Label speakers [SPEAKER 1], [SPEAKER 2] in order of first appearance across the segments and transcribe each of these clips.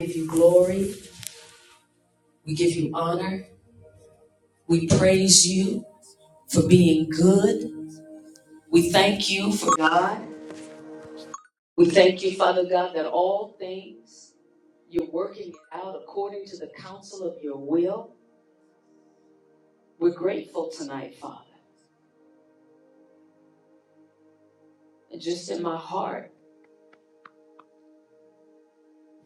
[SPEAKER 1] We give you glory. We give you honor. We praise you for being good. We thank you for God. We thank you, Father God, that all things you're working out according to the counsel of your will. We're grateful tonight, Father. And just in my heart,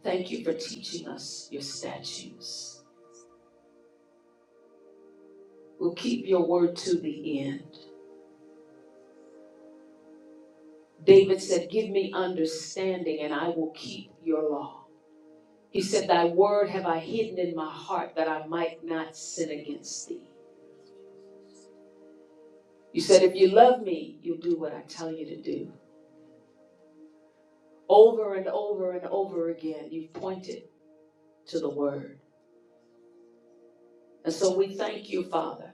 [SPEAKER 1] thank you for teaching us your statutes. We'll keep your word to the end. David said, Give me understanding and I will keep your law. He said, Thy word have I hidden in my heart that I might not sin against thee. You said, If you love me, you'll do what I tell you to do. Over and over and over again, you've pointed to the word. And so we thank you, Father,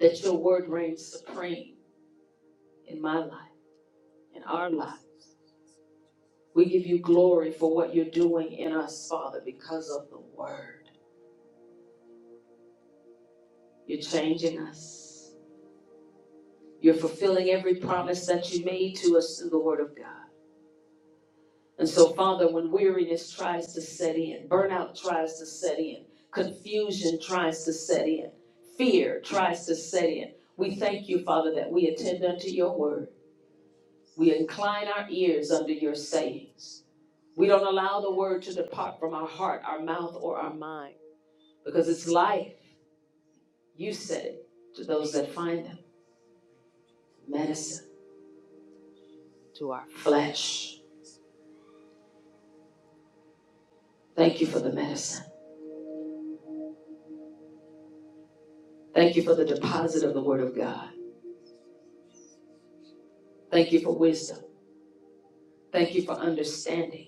[SPEAKER 1] that your word reigns supreme in my life, in our lives. We give you glory for what you're doing in us, Father, because of the word. You're changing us. You're fulfilling every promise that you made to us through the word of God. And so, Father, when weariness tries to set in, burnout tries to set in, confusion tries to set in, fear tries to set in, we thank you, Father, that we attend unto your word. We incline our ears under your sayings. We don't allow the word to depart from our heart, our mouth, or our mind because it's life. You said it to those that find them. Medicine, our flesh. Thank you for the medicine. Thank you for the deposit of the word of God. Thank you for wisdom. Thank you for understanding.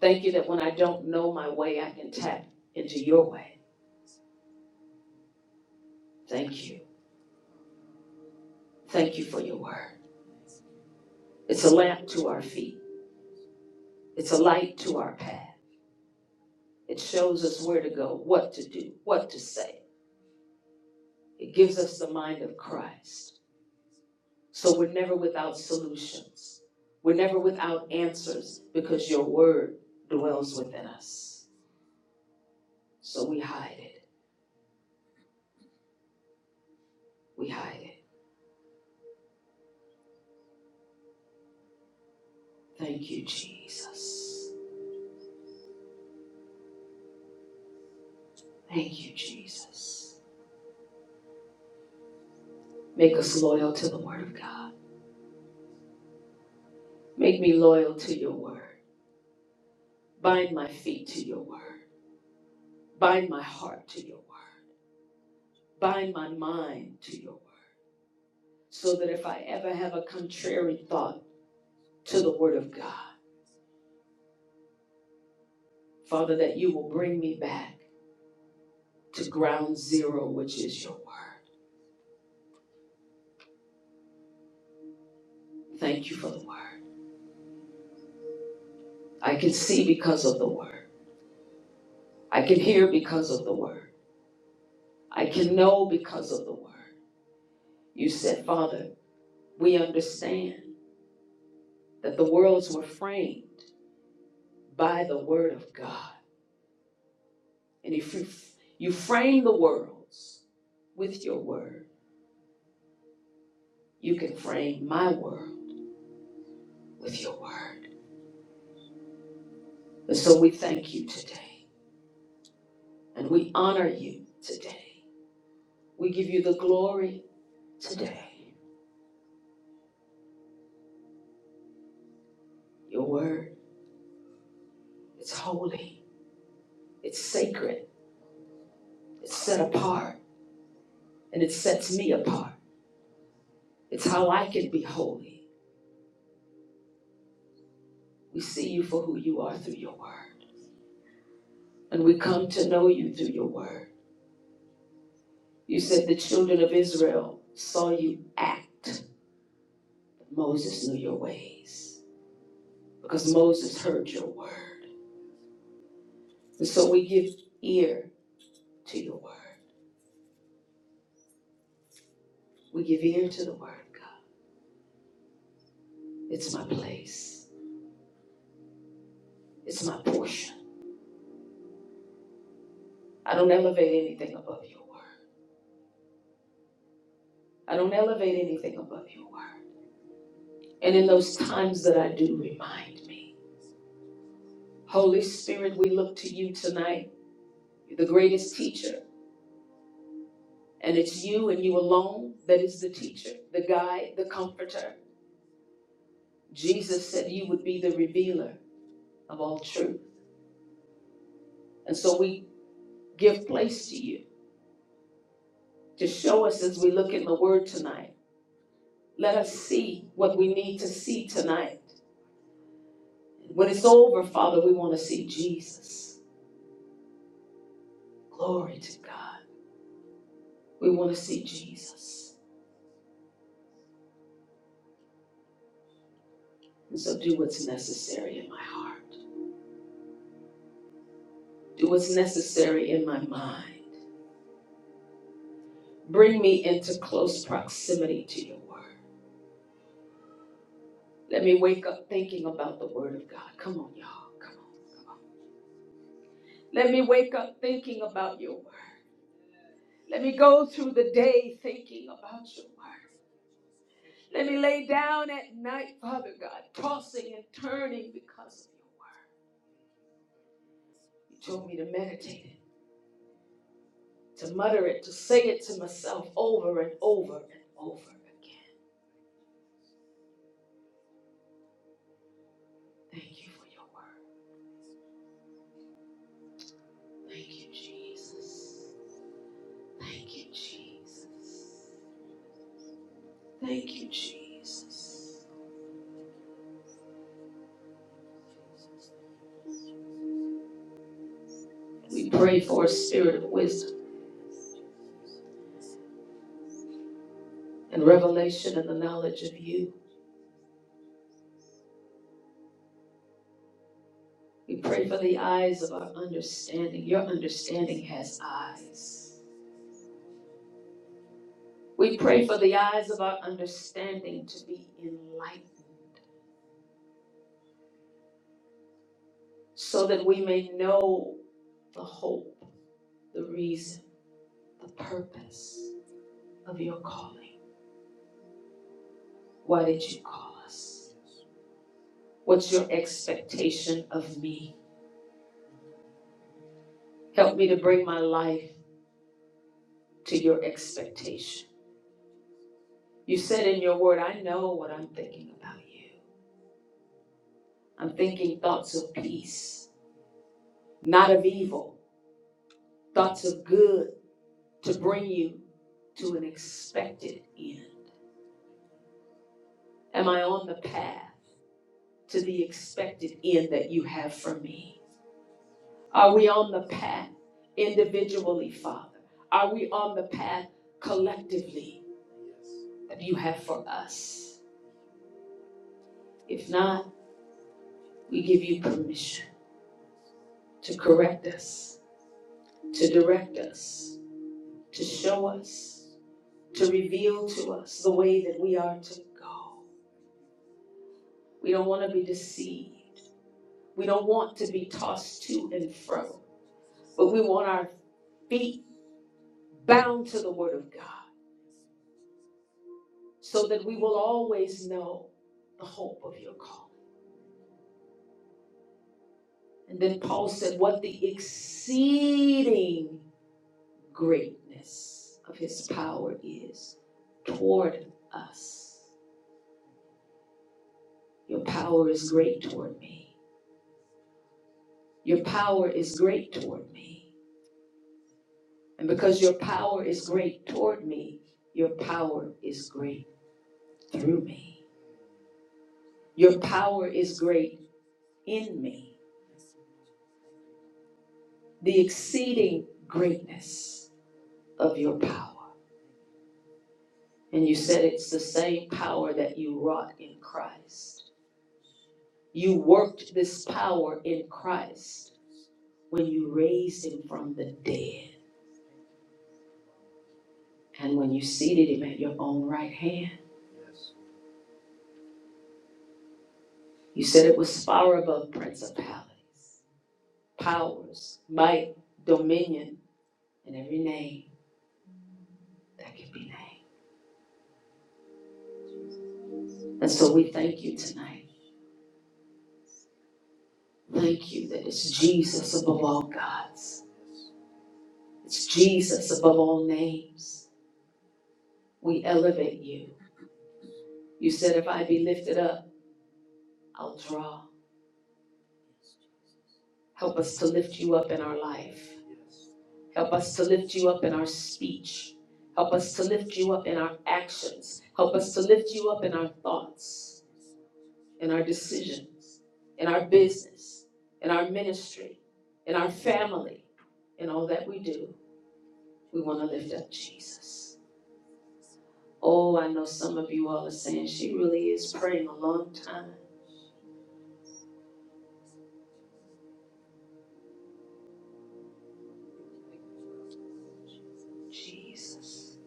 [SPEAKER 1] Thank you that when I don't know my way, I can tap into your way. Thank you. Thank you for your word. It's a lamp to our feet, it's a light to our path. It shows us where to go, what to do, what to say. It gives us the mind of Christ. So we're never without solutions, we're never without answers because your word dwells within us. So we hide it. We hide it. Thank you, Jesus. Thank you, Jesus. Make us loyal to the Word of God. Make me loyal to your Word. Bind my feet to your Word. Bind my heart to your Word. Bind my mind to your Word. So that if I ever have a contrary thought to the Word of God, Father, that you will bring me back to ground zero, which is your Word. Thank you for the Word. I can see because of the Word. I can hear because of the Word. I can know because of the Word. You said, Father, we understand that the worlds were framed by the word of God. And if you, you frame the worlds with your word, you can frame my world with your word. And so we thank you today and we honor you today. We give you the glory today. Your word, it's holy, it's sacred, it's set apart, and it sets me apart. It's how I can be holy. We see you for who you are through your word, and we come to know you through your word. You said the children of Israel saw you act. Moses knew your ways because Moses heard your word. And so we give ear to your word. We give ear to the word, God. It's my place, it's my portion. I don't elevate anything above your word. I don't elevate anything above your word. And in those times that I do, remind me. Holy Spirit, we look to you tonight, You're the greatest teacher. And it's you and you alone that is the teacher, the guide, the comforter. Jesus said you would be the revealer of all truth. And so we give place to you to show us as we look in the word tonight. Let us see what we need to see tonight. When it's over, Father, we want to see Jesus. Glory to God. We want to see Jesus. And so do what's necessary in my heart, do what's necessary in my mind. Bring me into close proximity to your word. Let me wake up thinking about the word of God. Come on, y'all. Come on. Let me wake up thinking about your word. Let me go through the day thinking about your word. Let me lay down at night, Father God, tossing and turning because of your word. You told me to meditate it, to mutter it, to say it to myself over and over and over again. Thank you for your word. Thank you, Jesus. Thank you, Jesus. Thank you, Jesus. We pray for a spirit of wisdom and revelation and the knowledge of you. We pray for the eyes of our understanding. Your understanding has eyes. We pray for the eyes of our understanding to be enlightened so that we may know the hope, the reason, the purpose of your calling. Why did you call us? What's your expectation of me? Help me to bring my life to your expectation. You said in your word, I know what I'm thinking about you. I'm thinking thoughts of peace not of evil, thoughts of good to bring you to an expected end. Am I on the path to the expected end that you have for me? Are we on the path individually, Father? Are we on the path collectively that you have for us? If not, we give you permission to correct us, to direct us, to show us, to reveal to us the way that we are to go. We don't want to be deceived. We don't want to be tossed to and fro, but we want our feet bound to the Word of God so that we will always know the hope of your calling. And then Paul said, What the exceeding greatness of his power is toward us. Your power is great toward me. Your power is great toward me. And because your power is great toward me, your power is great through me. Your power is great in me, the exceeding greatness of your power. And you said it's the same power that you wrought in Christ. You worked this power in Christ when you raised him from the dead and when you seated him at your own right hand. You said it was far above principalities, powers, might, dominion, and every name that can be named. And so we thank you tonight Thank you that it's Jesus above all gods. It's Jesus above all names. We elevate you. You said, if I be lifted up, I'll draw. Help us to lift you up in our life. Help us to lift you up in our speech. Help us to lift you up in our actions. Help us to lift you up in our thoughts, in our decisions, in our business, in our ministry, in our family, in all that we do. We want to lift up Jesus. Oh, I know some of you all are saying she really is praying a long time. Jesus.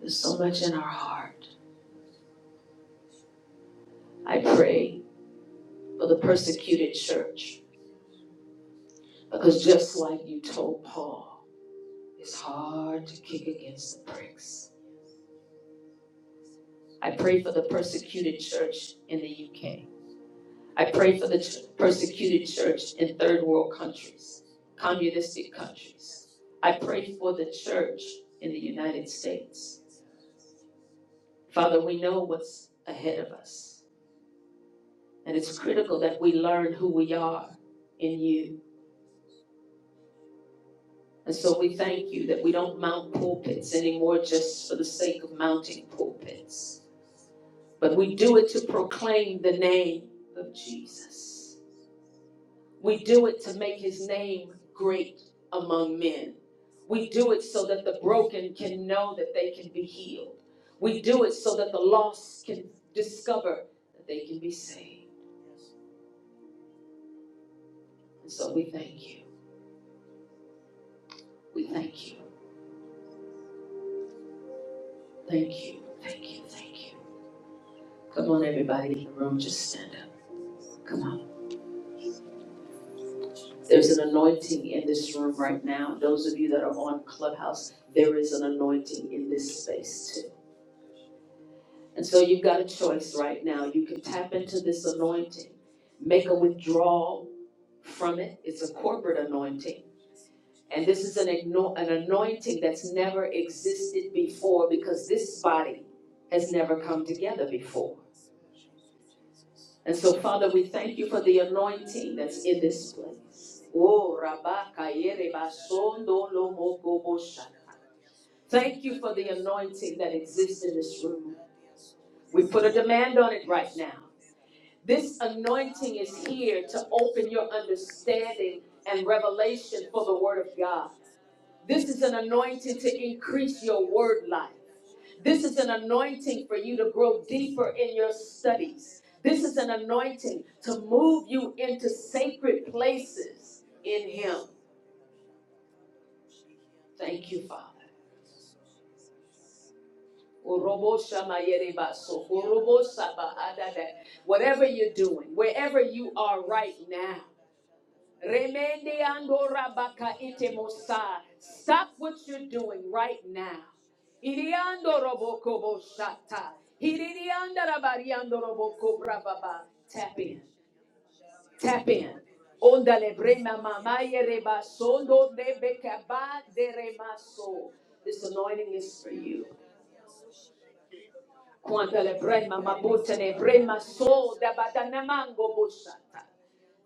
[SPEAKER 1] There's so much in our heart. I pray for the persecuted church because just like you told Paul, it's hard to kick against the pricks. I pray for the persecuted church in the UK. I pray for the ch- persecuted church in third world countries, communistic countries. I pray for the church in the United States. Father, we know what's ahead of us, and it's critical that we learn who we are in you. And so we thank you that we don't mount pulpits anymore just for the sake of mounting pulpits, but we do it to proclaim the name of Jesus. We do it to make his name great among men. We do it so that the broken can know that they can be healed. We do it so that the lost can discover that they can be saved. And so we thank you. We thank you. Thank you. Thank you. Thank you. Come on, everybody in the room, just stand up. Come on. There's an anointing in this room right now. Those of you that are on Clubhouse, there is an anointing in this space too. And so you've got a choice right now. You can tap into this anointing, make a withdrawal from it. It's a corporate anointing. And this is an, an anointing that's never existed before because this body has never come together before. And so, Father, we thank you for the anointing that's in this place. Oh, Rabaka Yere Basondo Lomoko Bosha. Thank you for the anointing that exists in this room. We put a demand on it right now. This anointing is here to open your understanding and revelation for the Word of God. This is an anointing to increase your word life. This is an anointing for you to grow deeper in your studies. This is an anointing to move you into sacred places in Him. Thank you, Father. Whatever you're doing, wherever you are right now. Remende andora baka ite Stop what you're doing right now. Iriando roboko boshata. Irianda rabariando roboko brababa. Tap in. Tap in. Onda le brema mamaye reba sondo de remaso. This anointing is for you. Quanta le brema mabote le brema so da badanamango boshata.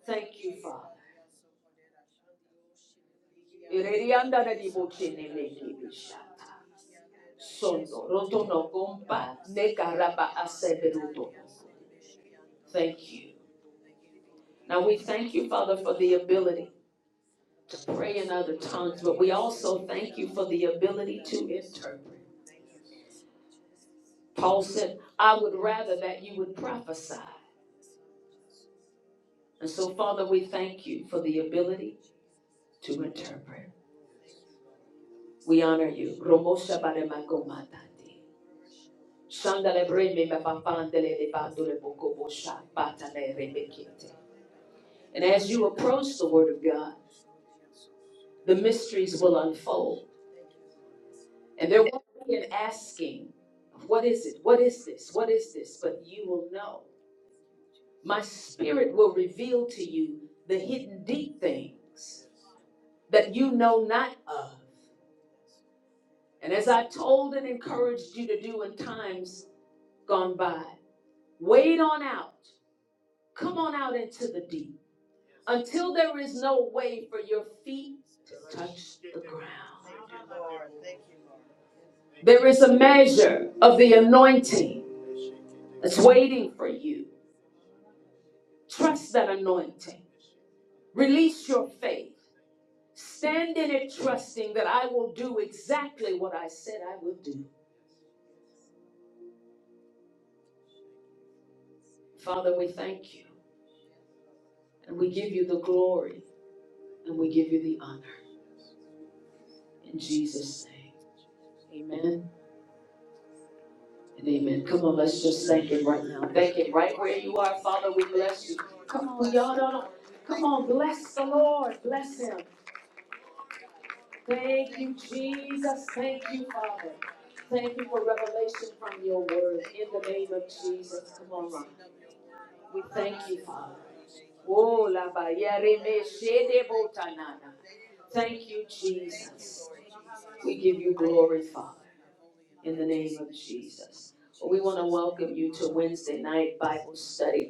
[SPEAKER 1] Thank you, Father. Irerianda rediboche ne meki bishata. sondo roto no gompa ne karaba aseberuto. Thank you. Now we thank you, Father, for the ability to pray in other tongues, but we also thank you for the ability to interpret. Paul said, I would rather that you would prophesy. And so, Father, we thank you for the ability to interpret. We honor you. And as you approach the Word of God, the mysteries will unfold. And there won't be an asking, what is it? What is this? What is this? But you will know. My spirit will reveal to you the hidden deep things that you know not of. And as i told and encouraged you to do in times gone by, wade on out. Come on out into the deep until there is no way for your feet to touch the ground. There is a measure of the anointing that's waiting for you. Trust that anointing. Release your faith. Stand in it, trusting that I will do exactly what I said I would do. Father, we thank you and we give you the glory and we give you the honor. In Jesus' name. Amen and amen. Come on, let's just thank Him right now. Thank Him right where you are, Father. We bless you. Come on, y'all. Don't, come on, bless the Lord. Bless Him. Thank you, Jesus. Thank you, Father. Thank you for revelation from your word. In the name of Jesus, come on, Ron. We thank you, Father. Oh, la ba ya re me she de bo ta na na. Thank you, Jesus. We give you glory, Father, in the name of Jesus. We want to welcome you to Wednesday night Bible study.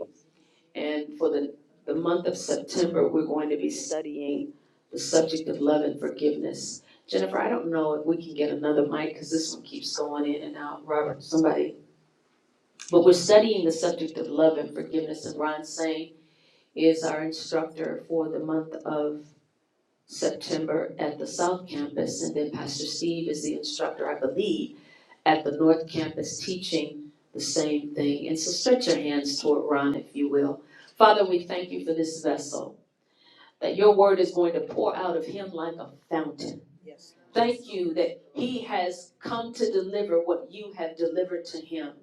[SPEAKER 1] And for the, the month of September, we're going to be studying the subject of love and forgiveness. Jennifer, I don't know if we can get another mic because this one keeps going in and out. Robert, somebody. But we're studying the subject of love and forgiveness, and Ron Sane is our instructor for the month of September at the South Campus, and then Pastor Steve is the instructor, I believe, at the North Campus teaching the same thing. And so stretch your hands toward Ron, if you will. Father, we thank you for this vessel, that your word is going to pour out of him like a fountain. Thank you that he has come to deliver what you have delivered to him.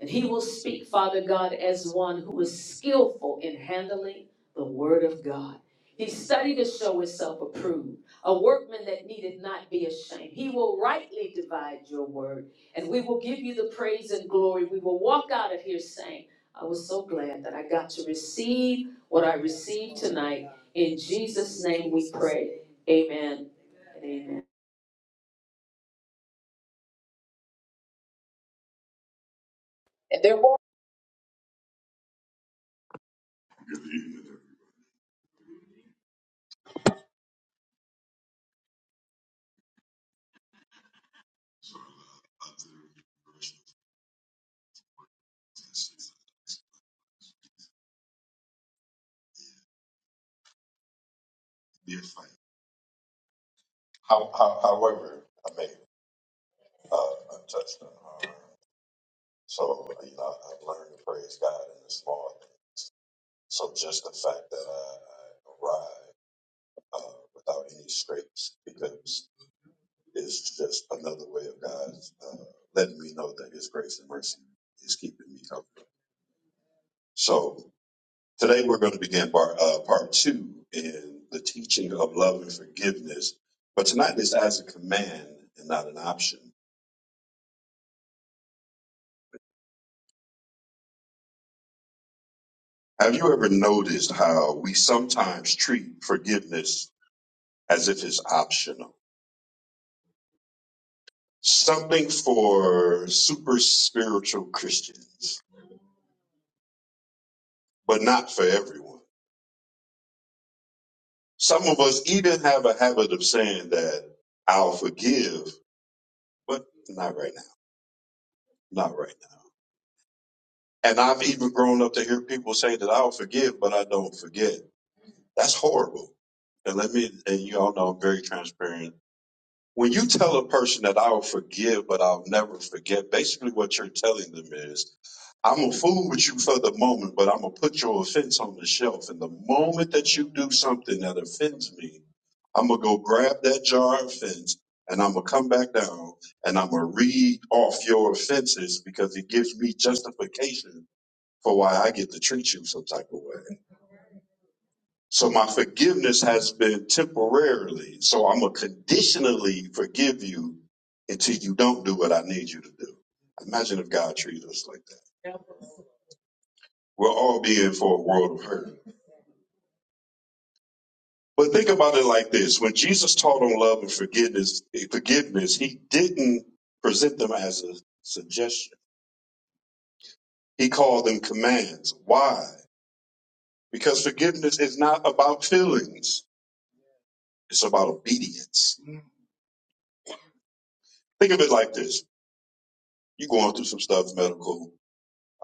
[SPEAKER 1] And he will speak, Father God, as one who is skillful in handling the word of God. He studied to show himself approved, a workman that needed not be ashamed. He will rightly divide your word, and we will give you the praise and glory. We will walk out of here saying, I was so glad that I got to receive what I received tonight. In Jesus' name we pray. Amen and amen.
[SPEAKER 2] Yes, ma'am. How, how, however, I may uh, I touched on. uh, So you know, I've learned to praise God in the small. things. So just the fact that I, I arrived uh, without any scrapes because it's just another way of God uh, letting me know that His grace and mercy is keeping me covered. So today we're going to begin part uh, part two in the teaching of love and forgiveness. But tonight this as a command and not an option. Have you ever noticed how we sometimes treat forgiveness as if it's optional? Something for super spiritual Christians, but not for everyone. Some of us even have a habit of saying that I'll forgive, but not right now, not right now. And I've even grown up to hear people say that I'll forgive, but I don't forget. That's horrible. And let me, and you all know I'm very transparent when you tell a person that I'll forgive, but I'll never forget, basically what you're telling them is, I'm gonna fool with you for the moment, but I'm gonna put your offense on the shelf. And the moment that you do something that offends me, I'm gonna go grab that jar of offense and I'm gonna come back down and I'm gonna read off your offenses because it gives me justification for why I get to treat you some type of way. So my forgiveness has been temporarily. So I'm gonna conditionally forgive you until you don't do what I need you to do. Imagine if God treated us like that. We'll all be in for a world of hurt. But think about it like this: when Jesus taught on love and forgiveness, forgiveness, he didn't present them as a suggestion. He called them commands. Why? Because forgiveness is not about feelings. It's about obedience. Think of it like this. You're going through some stuff, medical,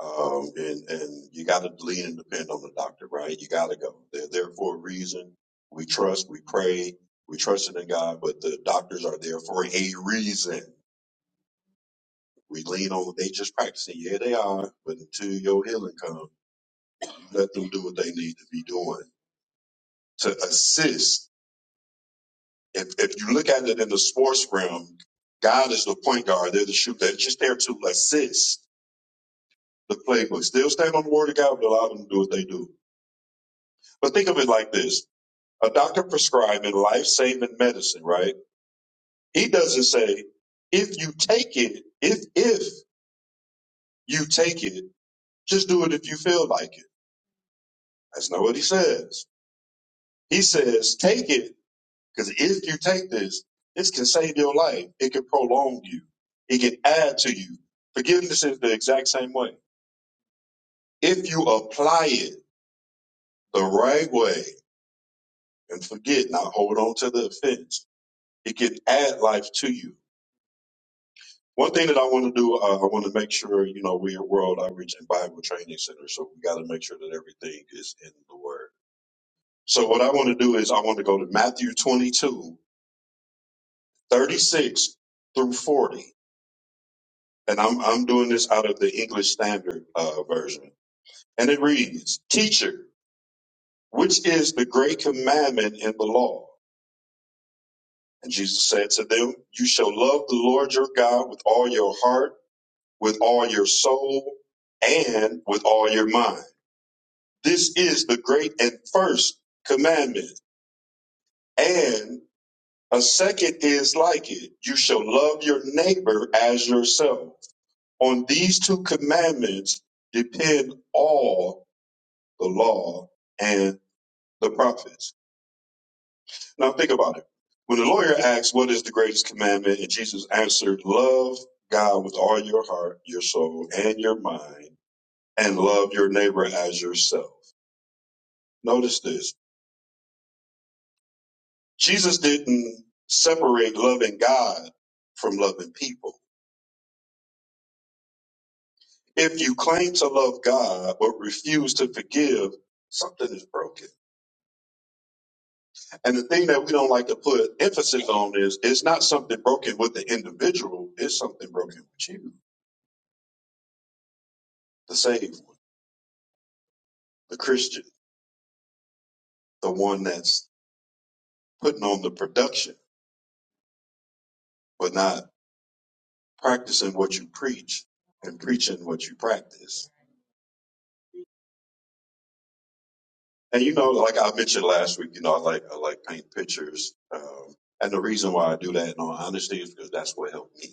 [SPEAKER 2] Um, and, and you got to lean and depend on the doctor, right? You got to go. They're there for a reason. We trust, we pray, we trust in God, but the doctors are there for a reason. We lean on, they just practicing. Yeah, they are. But until your healing comes, you let them do what they need to be doing to assist. If, if you look at it in the sports realm, God is the point guard. They're the shooter. They're just there to assist the playbook. Still stand on the word of God, but allow them to do what they do. But think of it like this. a doctor prescribing life-saving medicine, right? He doesn't say if you take it, if if you take it, just do it if you feel like it. That's not what he says. He says take it because if you take this, this can save your life. It can prolong you. It can add to you. Forgiveness is the exact same way. If you apply it the right way and forget, not hold on to the offense, it can add life to you One thing that I want to do, uh, I want to make sure, you know, we're a World Outreach and Bible Training Center, so we got to make sure that everything is in the Word. So what I want to do is I want to go to Matthew 22 36 through 40, and I'm, I'm doing this out of the English Standard uh, Version. And it reads, Teacher, which is the great commandment in the law? And Jesus said to them, You shall love the Lord your God with all your heart, with all your soul, and with all your mind This is the great and first commandment. And a second is like it. You shall love your neighbor as yourself. On these two commandments depend all the law and the prophets. Now think about it. When the lawyer asked, what is the greatest commandment? And Jesus answered, love God with all your heart, your soul, and your mind, and love your neighbor as yourself. Notice this. Jesus didn't separate loving God from loving people. If you claim to love God but refuse to forgive, something is broken. And the thing that we don't like to put emphasis on is it's not something broken with the individual, it's something broken with you, the saved one, the Christian, the one that's putting on the production but not practicing what you preach and preaching what you practice. And you know, like I mentioned last week, you know, I like I like paint pictures, um, and the reason why I do that, in all honesty, is because that's what helped me.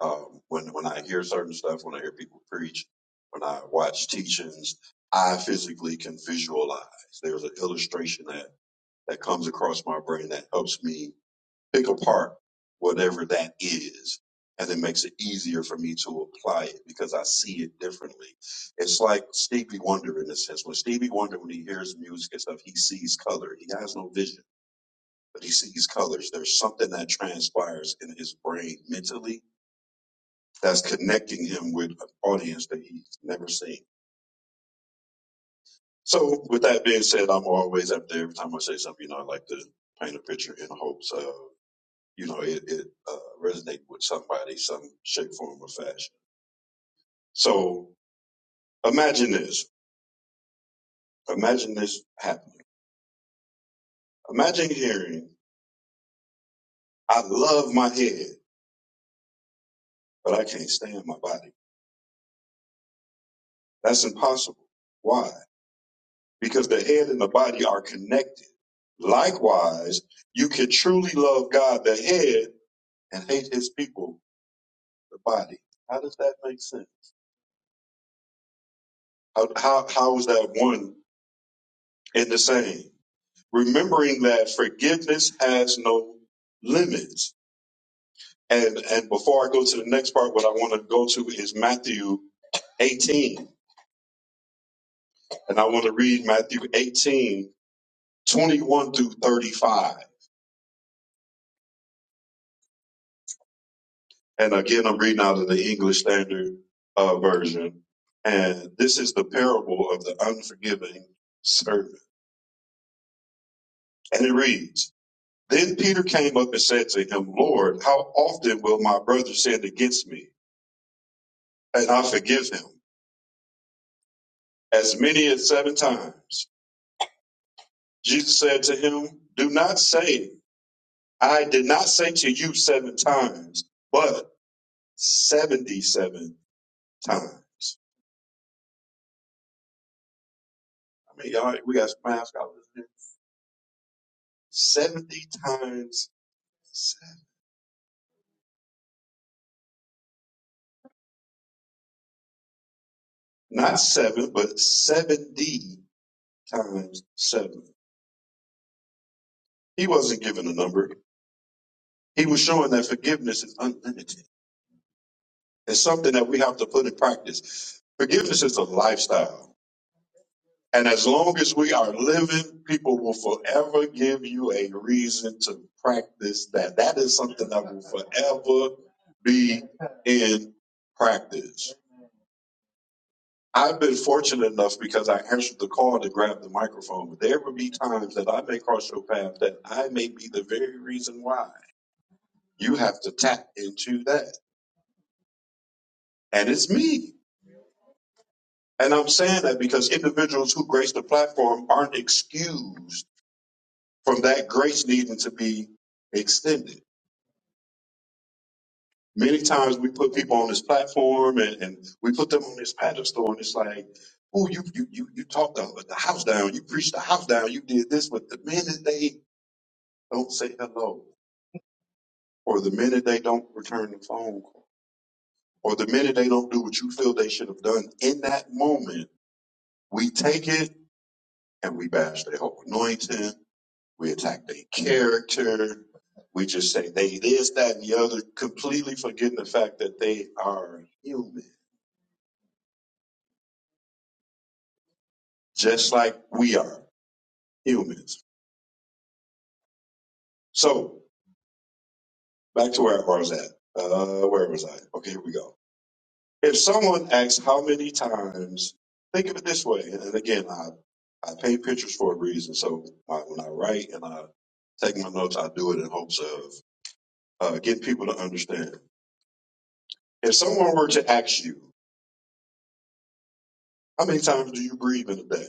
[SPEAKER 2] Um, when when I hear certain stuff, when I hear people preach, when I watch teachings, I physically can visualize. There's an illustration that that comes across my brain that helps me pick apart whatever that is. And it makes it easier for me to apply it because I see it differently. It's like Stevie Wonder in a sense. When Stevie Wonder, when he hears music and stuff, he sees color. He has no vision, but he sees colors. There's something that transpires in his brain mentally that's connecting him with an audience that he's never seen. So with that being said, I'm always up there. Every time I say something, you know, I like to paint a picture in hopes. of. you know, it, it uh, resonate with somebody, some shape, form, or fashion. So imagine this. Imagine this happening. Imagine hearing, I love my head, but I can't stand my body. That's impossible. Why? Because the head and the body are connected. Likewise, you can truly love God, the head, and hate his people, the body. How does that make sense? How, how, how is that one and the same? remembering that forgiveness has no limits. And and before I go to the next part, what I want to go to is Matthew 18. And I want to read Matthew 18 21 through 35. And again, I'm reading out of the English Standard uh, Version. And this is the parable of the unforgiving servant. And it reads, Then Peter came up and said to him, Lord, how often will my brother sin against me? And I forgive him as many as seven times. Jesus said to him, Do not say, I did not say to you seven times, but 77 times. I mean, y'all, we got some math scholars here. 70 times, seven. not seven, but 70 times seven. He wasn't given a number. He was showing that forgiveness is unlimited. It's something that we have to put in practice. Forgiveness is a lifestyle. And as long as we are living, people will forever give you a reason to practice that. That is something that will forever be in practice. I've been fortunate enough because I answered the call to grab the microphone. There will be times that I may cross your path that I may be the very reason why you have to tap into that. And it's me. And I'm saying that because individuals who grace the platform aren't excused from that grace needing to be extended. Many times we put people on this platform and, and we put them on this pedestal, and it's like, oh, you you you you talk the, the house down, you preach the house down, you did this, but the minute they don't say hello, or the minute they don't return the phone call, or the minute they don't do what you feel they should have done in that moment, we take it and we bash their whole anointing, We attack their character. We just say they this, that, and the other, completely forgetting the fact that they are human, just like we are humans. So back to where I was at. Uh, where was I? Okay, here we go. If someone asks how many times, think of it this way, and, and again, I I paint pictures for a reason. So I, when I write and I take my notes, I do it in hopes of uh, getting people to understand. If someone were to ask you, how many times do you breathe in a day?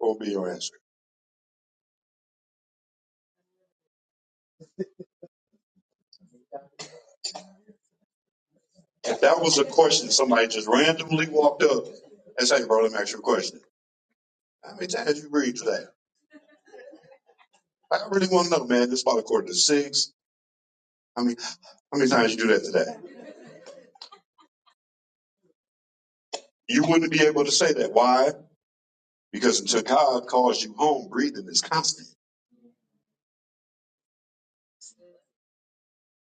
[SPEAKER 2] will be your answer. If that was a question somebody just randomly walked up and say, bro, let me ask you a question. How many times you read today? I really want to know, man. This about a quarter to six. I mean, how many times you do that today? You wouldn't be able to say that. Why? Because until God calls you home, breathing is constant.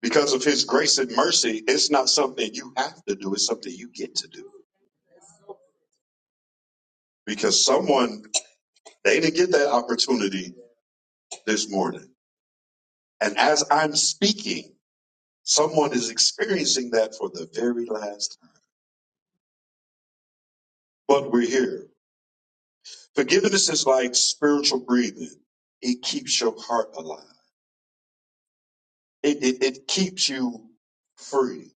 [SPEAKER 2] Because of his grace and mercy, it's not something you have to do. It's something you get to do. Because someone, they didn't get that opportunity this morning. And as I'm speaking, Someone is experiencing that for the very last time. But we're here. Forgiveness is like spiritual breathing. It keeps your heart alive. It, it, it keeps you free.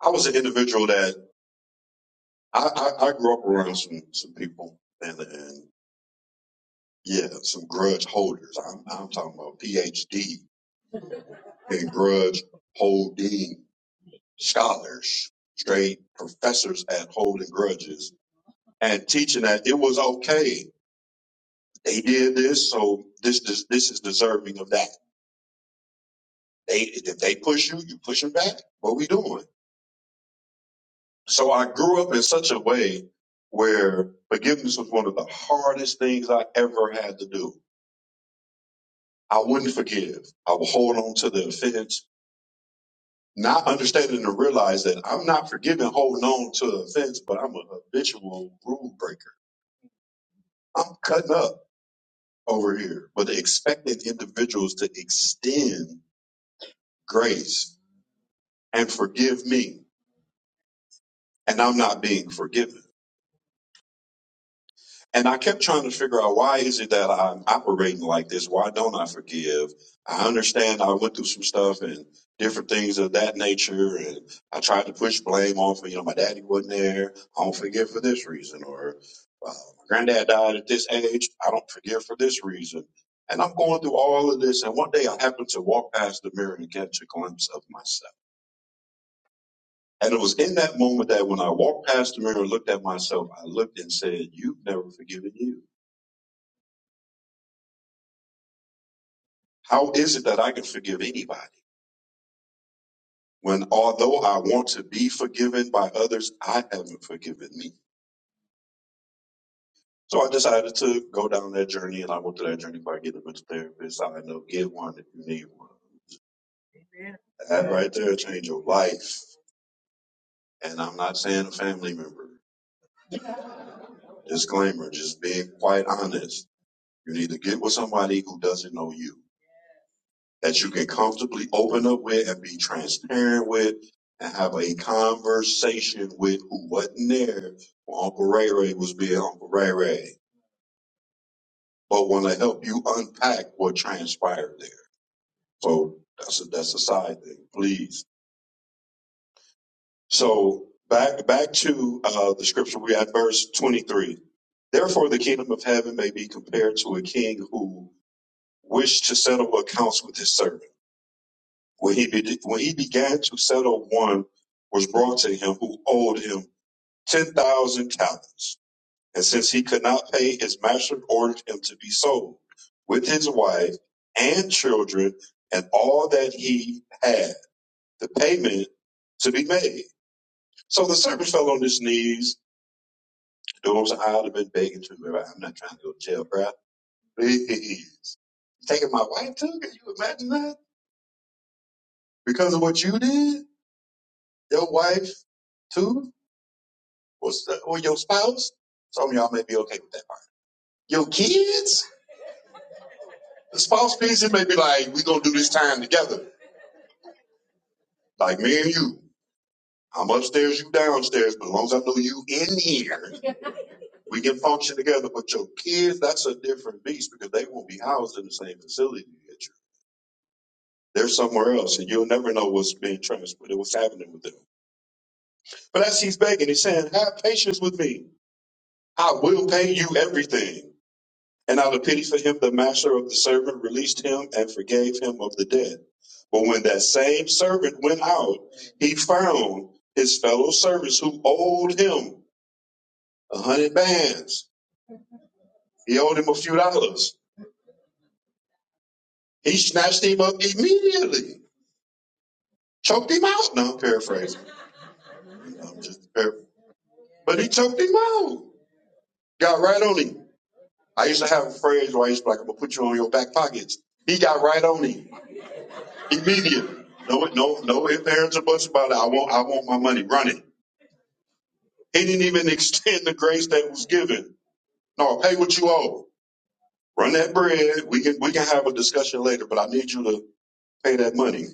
[SPEAKER 2] I was an individual that I, I, I grew up around some, some people and, and yeah, some grudge holders. I'm, I'm talking about PhD and grudge holding scholars, straight professors at holding grudges and teaching that it was okay They did this, so this is this is deserving of that. They if they push you, you push them back. What we doing? So I grew up in such a way where forgiveness was one of the hardest things I ever had to do. I wouldn't forgive. I would hold on to the offense, not understanding to realize that I'm not forgiving, holding on to the offense, but I'm a habitual rule breaker. I'm cutting up over here, but expecting individuals to extend grace and forgive me and I'm not being forgiven. And I kept trying to figure out why is it that I'm operating like this? Why don't I forgive? I understand I went through some stuff and different things of that nature, and I tried to push blame off. of, You know, my daddy wasn't there. I don't forgive for this reason, or uh, my granddad died at this age. I don't forgive for this reason. And I'm going through all of this, and one day I happen to walk past the mirror and catch a glimpse of myself. And it was in that moment that when I walked past the mirror and looked at myself, I looked and said, You've never forgiven you. How is it that I can forgive anybody when, although I want to be forgiven by others, I haven't forgiven me? So I decided to go down that journey and I went through that journey by getting a mental therapist. I know get one if you need one. That right there changed your life. And I'm not saying a family member. Disclaimer, just being quite honest. You need to get with somebody who doesn't know you that you can comfortably open up with and be transparent with and have a conversation with who wasn't there when Uncle Ray Ray was being Uncle Ray Ray, but want to help you unpack what transpired there. So that's a, that's a side thing, please. So back back to uh, the scripture we had, verse 23. Therefore, the kingdom of heaven may be compared to a king who wished to settle accounts with his servants. When he, be, when he began to settle, one was brought to him who owed him 10,000 talents. And since he could not pay, his master ordered him to be sold with his wife and children and all that he had, the payment to be made. So the servant fell on his knees. Those I'd have been begging to remember. I'm not trying to go to jail, bruh. Please. Taking my wife too? Can you imagine that? Because of what you did? Your wife too? What's or your spouse? Some of y'all may be okay with that. Your kids? The spouse piece, it may be like, we going to do this time together. Like me and you. I'm upstairs, you downstairs, but as long as I know you in here, we can function together. But your kids, that's a different beast because they won't be housed in the same facility that you. They're somewhere else, and you'll never know what's being transferred, what's happening with them. But as he's begging, he's saying, Have patience with me. I will pay you everything. And out of pity for him, the master of the servant released him and forgave him of the debt. But when that same servant went out, he found his fellow servants who owed him a hundred bands. He owed him a few dollars. He snatched him up immediately, choked him out. Now I'm paraphrasing. I'm just paraphrasing. But he choked him out. Got right on him. I used to have a phrase where I used to be like, I'm gonna put you on your back pockets. He got right on him. Immediate. No, no, no ifs, ands, or buts about it. I want, I want my money. Run it. He didn't even extend the grace that was given. No, pay what you owe. Run that bread. We can, we can have a discussion later, but I need you to pay that money.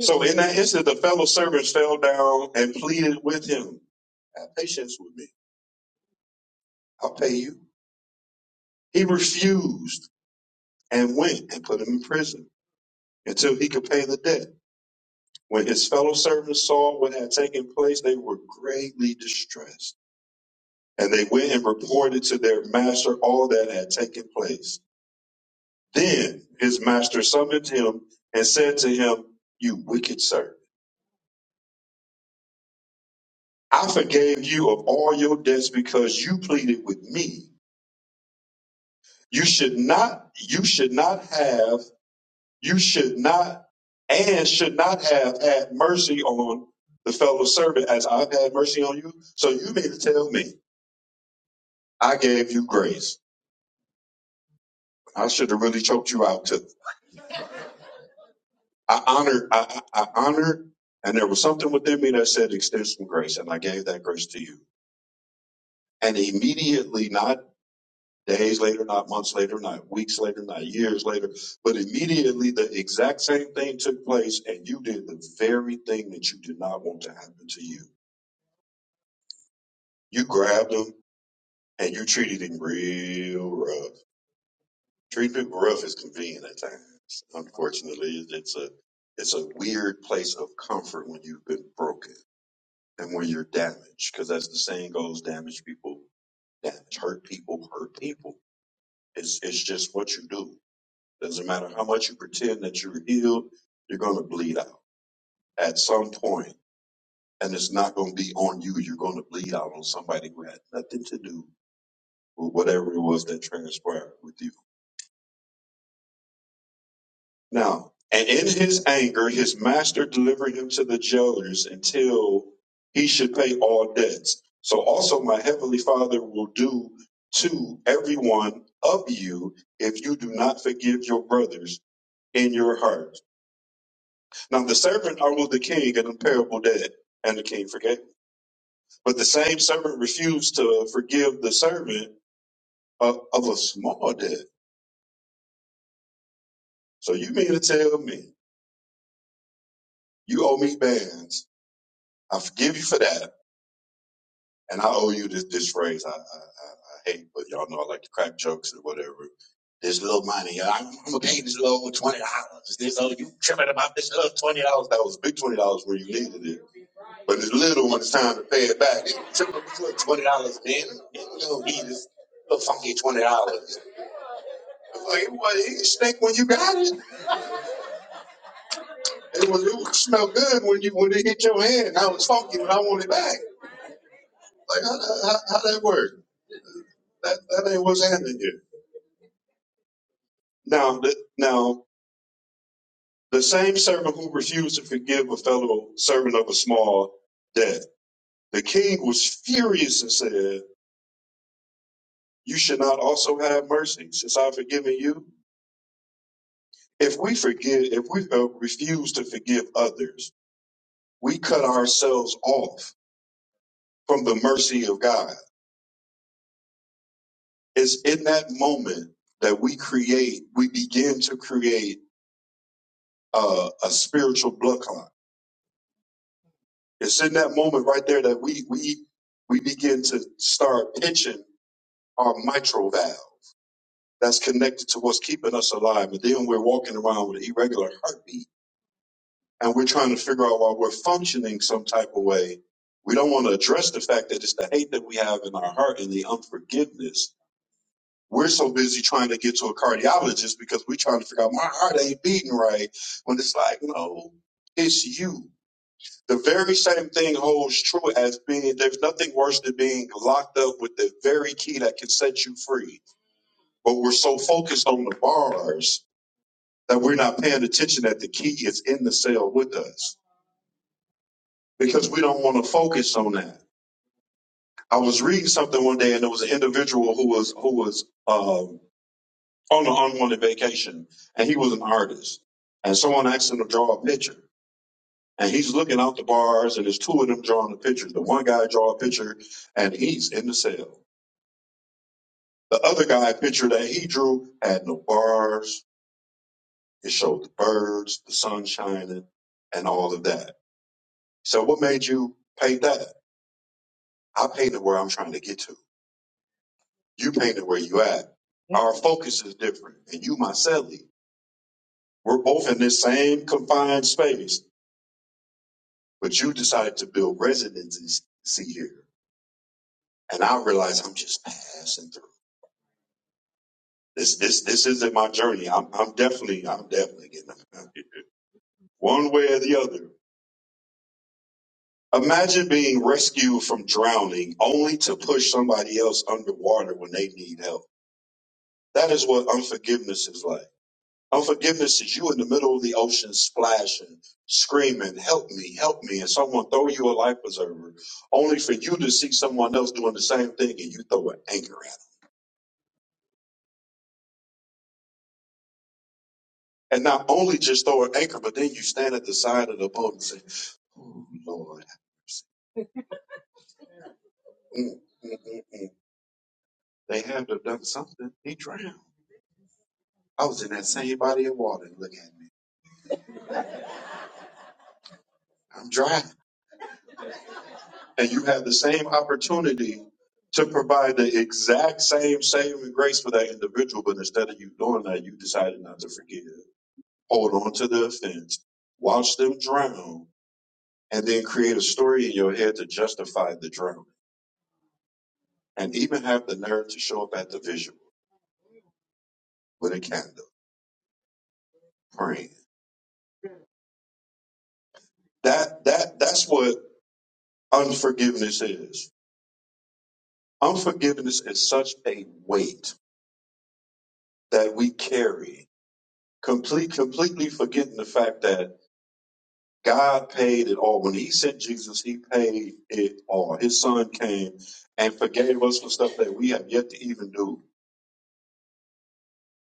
[SPEAKER 2] So in that instant, the fellow servants fell down and pleaded with him. Have patience with me. I'll pay you. He refused and went and put him in prison until he could pay the debt. When his fellow servants saw what had taken place, they were greatly distressed. And they went and reported to their master all that had taken place. Then his master summoned him and said to him, You wicked servant, I forgave you of all your debts because you pleaded with me. You should not, you should not have, you should not, and should not have had mercy on the fellow servant as I've had mercy on you. So you mean to tell me I gave you grace. I should have really choked you out I honored, I, I honored, and there was something within me that said, extend some grace, and I gave that grace to you. And immediately, not days later, not months later, not weeks later, not years later, but immediately the exact same thing took place, and you did the very thing that you did not want to happen to you. You grabbed him and you treated him real rough. Treating people rough is convenient at times. Unfortunately, it's a it's a weird place of comfort when you've been broken and when you're damaged, because as the saying goes, damage people, damage, hurt people, hurt people. It's it's just what you do. Doesn't matter how much you pretend that you're healed, you're gonna bleed out at some point, and it's not gonna be on you. You're gonna bleed out on somebody who had nothing to do with whatever it was that transpired with you. Now, and in his anger, his master delivered him to the jailers until he should pay all debts. So also my heavenly father will do to every one of you if you do not forgive your brothers in your heart. Now the servant owed the king an imperishable debt, and the king forgave. But the same servant refused to forgive the servant of, of a small debt. So you mean to tell me you owe me bands? I forgive you for that. and I owe you this this phrase. I I, I, I hate, but y'all know I like to crack jokes or whatever. This little money, uh, I'm, I'm gonna pay this little twenty dollars. This oh, you tripping about this little twenty dollars? That was big twenty dollars where you needed it, but this little one, it's time to pay it back. You tripping about this little twenty dollars, man? You don't need this little funky twenty dollars. Like, it was it stink when you got it. It was it smelled good when you when it hit your hand. I was funky when I wanted it back. Like how, how, how that work? That that ain't what's happening here. Now, the, now the same servant who refused to forgive a fellow servant of a small debt, the king was furious and said, "You should not also have mercy, since I've forgiven you." If we forgive, if we uh, refuse to forgive others, we cut ourselves off from the mercy of God. It's in that moment that we create, we begin to create uh, a spiritual blood clot. It's in that moment right there that we we we begin to start pitching our mitral valve that's connected to what's keeping us alive. And then we're walking around with an irregular heartbeat and we're trying to figure out why we're functioning some type of way. We don't want to address the fact that it's the hate that we have in our heart and the unforgiveness. We're so busy trying to get to a cardiologist because we're trying to figure out my heart ain't beating right when it's like, no, it's you. The very same thing holds true as being there's nothing worse than being locked up with the very key that can set you free but we're so focused on the bars that we're not paying attention that the key is in the cell with us because we don't want to focus on that. I was reading something one day, and there was an individual who was who was um, on an unwanted vacation, and he was an artist, and someone asked him to draw a picture. And he's looking out the bars, and there's two of them drawing the pictures. The one guy draw a picture, and he's in the cell. The other guy picture that he drew had no bars, It showed the birds, the sun shining, and all of that. So what made you paint that? I painted where I'm trying to get to. You painted where you at. Our focus is different. And you, Myceli, we're both in this same confined space, but you decided to build residences see here. And I realize I'm just passing through. This this this isn't my journey. I'm I'm definitely I'm definitely getting out of here. One way or the other, Imagine being rescued from drowning only to push somebody else underwater when they need help. That is what unforgiveness is like. Unforgiveness is you in the middle of the ocean splashing, screaming, help me, help me, and someone throw you a life preserver, only for you to see someone else doing the same thing and you throw an anchor at 'em. And not only just throw an anchor, but then you stand at the side of the boat and say, Oh Lord, have mercy." Mm, mm, mm, mm. they had to have done something. He drowned. I was in that same body of water. Look at me. I'm dry. And you have the same opportunity to provide the exact same saving grace for that individual, but instead of you doing that, you decided not to forgive. Hold on to the offense, watch them drown, and then create a story in your head to justify the drowning. And even have the nerve to show up at the visual with a candle, praying. That that that's what unforgiveness is. Unforgiveness is such a weight that we carry complete completely forgetting the fact that God paid it all. When He sent Jesus, He paid it all. His Son came and forgave us for stuff that we have yet to even do,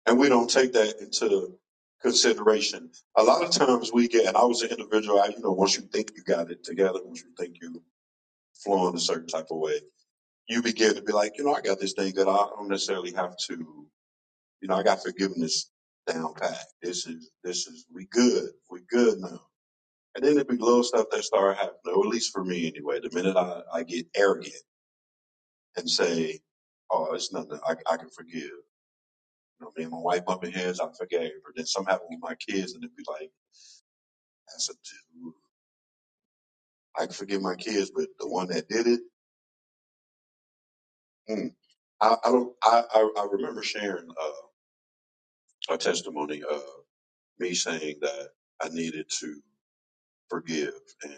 [SPEAKER 2] and we don't take that into consideration. A lot of times we get, and I was an individual. I, you know, once you think you got it together, once you think you flowing a certain type of way, you begin to be like, you know, I got this thing that I don't necessarily have to. You know, I got forgiveness down pat. This is this is we good. We good now And then it'd be little stuff that start happening, or at least for me anyway. The minute I, I get arrogant and say, oh, it's nothing, I, I can forgive. You know, me and my wife bumping heads, I forgave. her. then something happened with my kids, and it'd be like, that's a dude. I can forgive my kids, but the one that did it, mm. I, I don't. I, I, I remember sharing uh, a testimony of me saying that I needed to forgive, and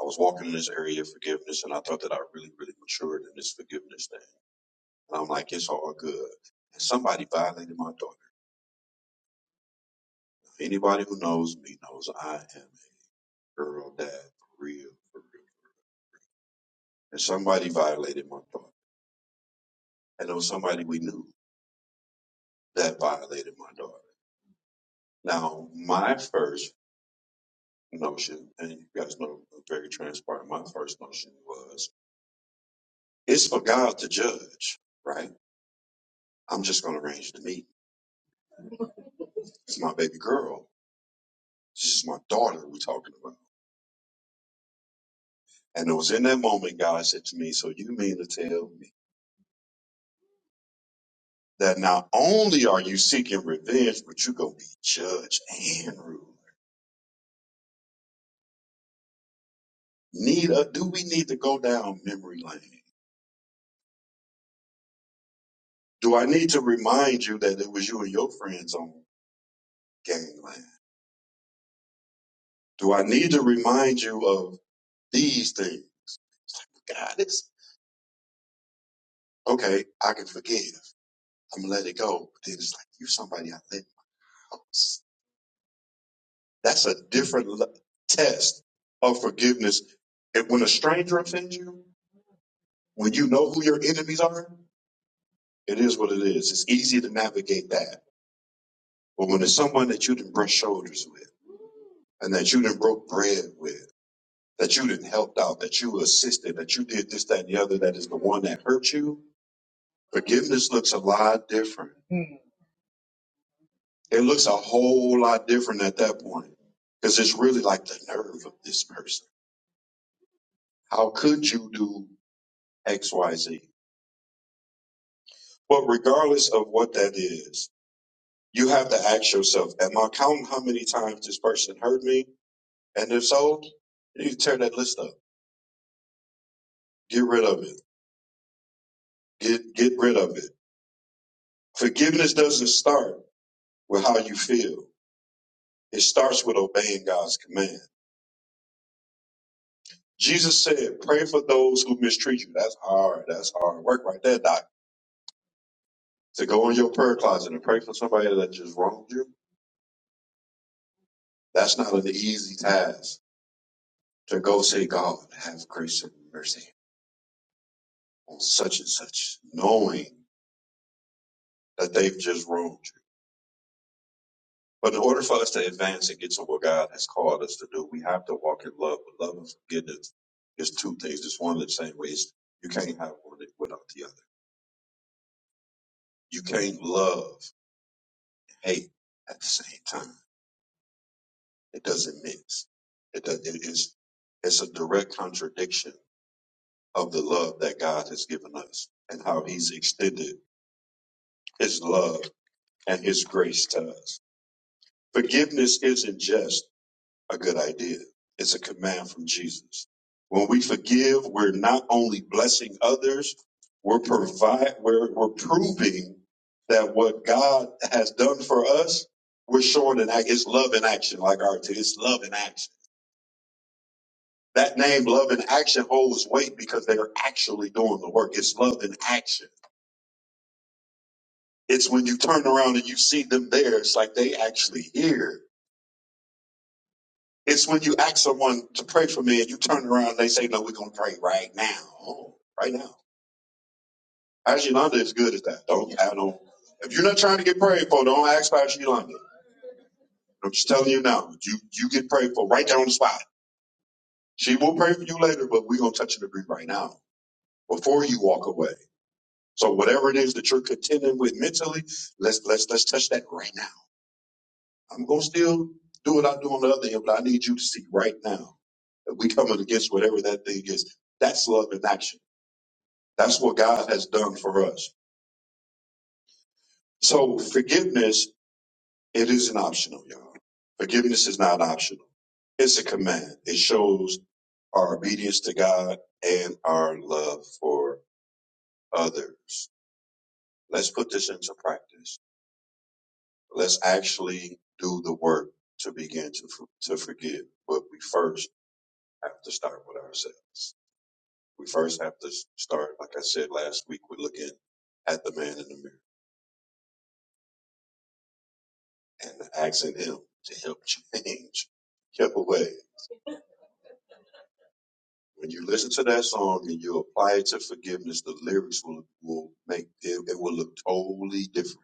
[SPEAKER 2] I was walking in this area of forgiveness, and I thought that I really, really matured in this forgiveness thing. And I'm like, it's all good. And somebody violated my daughter. Anybody who knows me knows I am a girl dad for real, for real. And somebody violated my daughter. And there was somebody we knew that violated my daughter. Now, my first notion, and you guys know I'm very transparent, my first notion was it's for God to judge, right? I'm just going to arrange the meeting. It's my baby girl. This is my daughter we're talking about. And it was in that moment God said to me, So you mean to tell me? that not only are you seeking revenge, but you're going to be judge and ruler. Need a, do we need to go down memory lane? Do I need to remind you that it was you and your friends on gangland? Do I need to remind you of these things? God, it's okay. I can forgive. I'm gonna let it go. But then it's like you somebody I let in house. That's a different le- test of forgiveness. And when a stranger offends you, when you know who your enemies are, It is what it is. It's easy to navigate that. But when it's someone that you didn't brush shoulders with and that you didn't broke bread with, that you didn't helped out, that you assisted, that you did this, that, and the other, that is the one that hurt you, forgiveness looks a lot different. It looks a whole lot different at that point. Because it's really like the nerve of this person. How could you do X, Y, Z? But regardless of what that is, you have to ask yourself, am I counting how many times this person hurt me? And if so, you can tear that list up. Get rid of it. Get get rid of it. Forgiveness doesn't start with how you feel. It starts with obeying God's command. Jesus said, pray for those who mistreat you. That's hard. That's hard work right there, Doc. To go in your prayer closet and pray for somebody that just wronged you, that's not an easy task. To go say, God, have grace and mercy on such and such, knowing that they've just wronged you. But in order for us to advance and get to what God has called us to do, we have to walk in love. But love and forgiveness is two things. It's one of the same ways. You can't have one without the other. You can't love and hate at the same time. It doesn't mix. It does, it is, it's a direct contradiction of the love that God has given us and how he's extended his love and his grace to us. Forgiveness isn't just. a good idea. It's a command from Jesus. When we forgive, we're not only blessing others, we're provide, we're, we're proving that what God has done for us, we're showing an act. It's love in action, like our two. it's love in action. That name, love in action, holds weight because they are actually doing the work. It's love in action. It's when you turn around and you see them there. It's like they actually here. It's when you ask someone to pray for me and you turn around and they say, No, we're gonna pray right now. Oh, right now. Pastor Yolanda is good at that. Don't I don't if you're not trying to get prayed for, don't ask Pastor Yolanda. I'm just telling you now, you you get prayed for right there on the spot. She will pray for you later, but we're gonna touch and agree right now before you walk away. So whatever it is that you're contending with mentally, let's let's let's touch that right now. I'm gonna still do what I do on the other end, but I need you to see right now that we coming against whatever that thing is. That's love in action. That's what God has done for us. So forgiveness, it isn't optional, y'all. Forgiveness is not optional. It's a command. It shows our obedience to God and our love for others. Let's put this into practice. Let's actually do the work to begin to, for- to forgive. But we first have to start with ourselves. We first have to start, like I said last week, we're looking at the man in the mirror. and asking Him to help change your way. When you listen to that song and you apply it to forgiveness, the lyrics will, will make it, it will look totally different.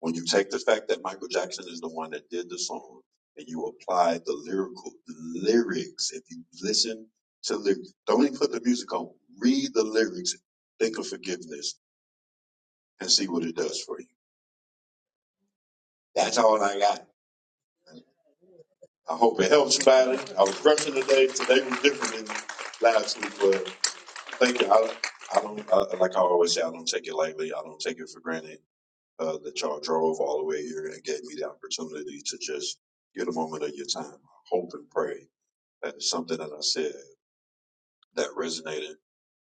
[SPEAKER 2] When you take the fact that Michael Jackson is the one that did the song and you apply the lyrical the lyrics, if you listen to lyrics, don't even put the music on, read the lyrics, think of forgiveness, and see what it does for you. That's all I got. I hope it helps, Patty. I was rushing today. Today was different than last week, but thank you. I, I don't I, like I always say. I don't take it lightly. I don't take it for granted uh, that y'all drove all the way here and gave me the opportunity to just get a moment of your time. I hope and pray that is something that I said that resonated.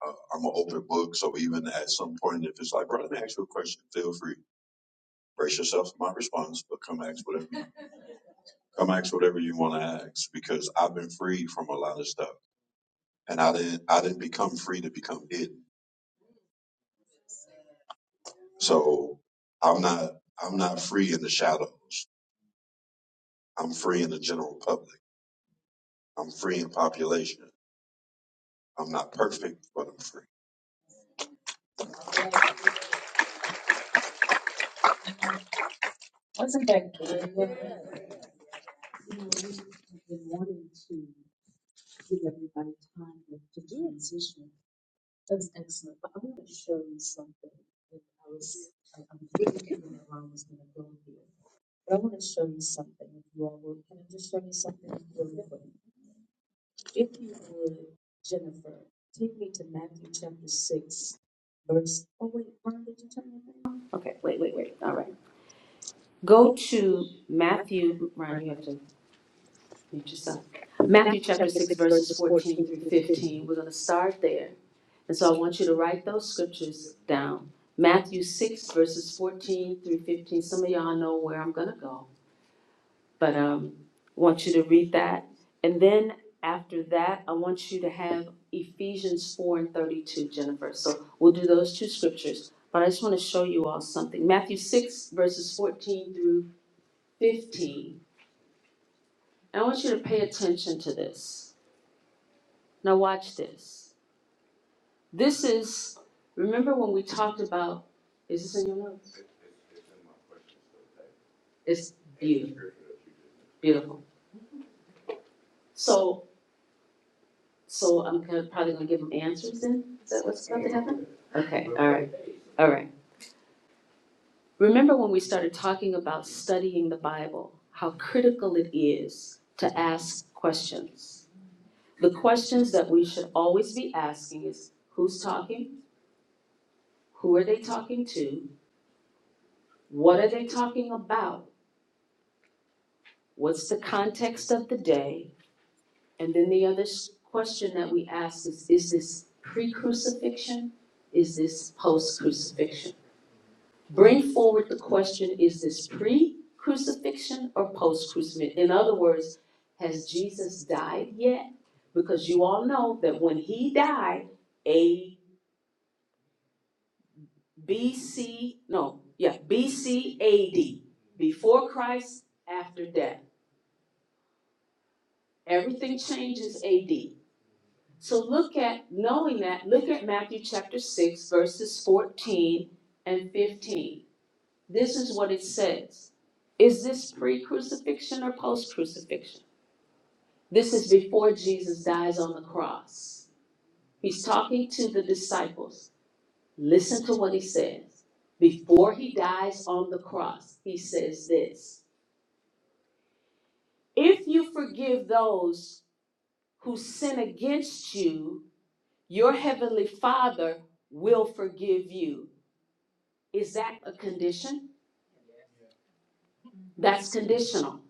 [SPEAKER 2] Uh, I'm an open book, so even at some point, if it's like, bro, let me ask you a question, feel free. Brace yourself for my response, but come ask whatever come ask whatever you want to ask because I've been free from a lot of stuff. and I didn't I didn't become free to become hidden. So I'm not I'm not free in the shadows. I'm free in the general public. I'm free in population. I'm not perfect, but I'm free.
[SPEAKER 1] Okay, wait, wait, wait. All right. Go to Matthew. Ryan, you have to. Mute yourself. Matthew chapter six, verses fourteen through fifteen. We're gonna start there. And so I want you to write those scriptures down. Matthew six, verses fourteen through fifteen. Some of y'all know where I'm gonna go, but um, I want you to read that. And then after that, I want you to have Ephesians four and thirty-two, Jennifer. So we'll do those two scriptures. But I just want to show you all something. Matthew six, verses fourteen through fifteen. And I want you to pay attention to this. Now watch this. This is remember when we talked about is this in your notes? It's beautiful. Beautiful. So so I'm gonna- probably gonna give them answers then? Is that what's about to happen? Okay, all right. All right. Remember when we started talking about studying the Bible, how critical it is to ask questions. The questions that we should always be asking is who's talking? Who are they talking to? What are they talking about? what's the context of the day? And then the other question that we ask is, is this pre-crucifixion? Is this post-crucifixion? Bring forward the question, is this pre-crucifixion or post-crucifixion? In other words, has Jesus died yet? Because you all know that when he died, A, B, C, no, yeah, B, C, A, D. Before Christ, after death. Everything changes A, D. So look at, knowing that, look at Matthew chapter six, verses fourteen and fifteen. This is what it says. Is this pre-crucifixion or post-crucifixion? This is before Jesus dies on the cross. He's talking to the disciples. Listen to what he says. Before he dies on the cross, he says this. If you forgive those who sin against you, your heavenly Father will forgive you. Is that a condition? That's conditional.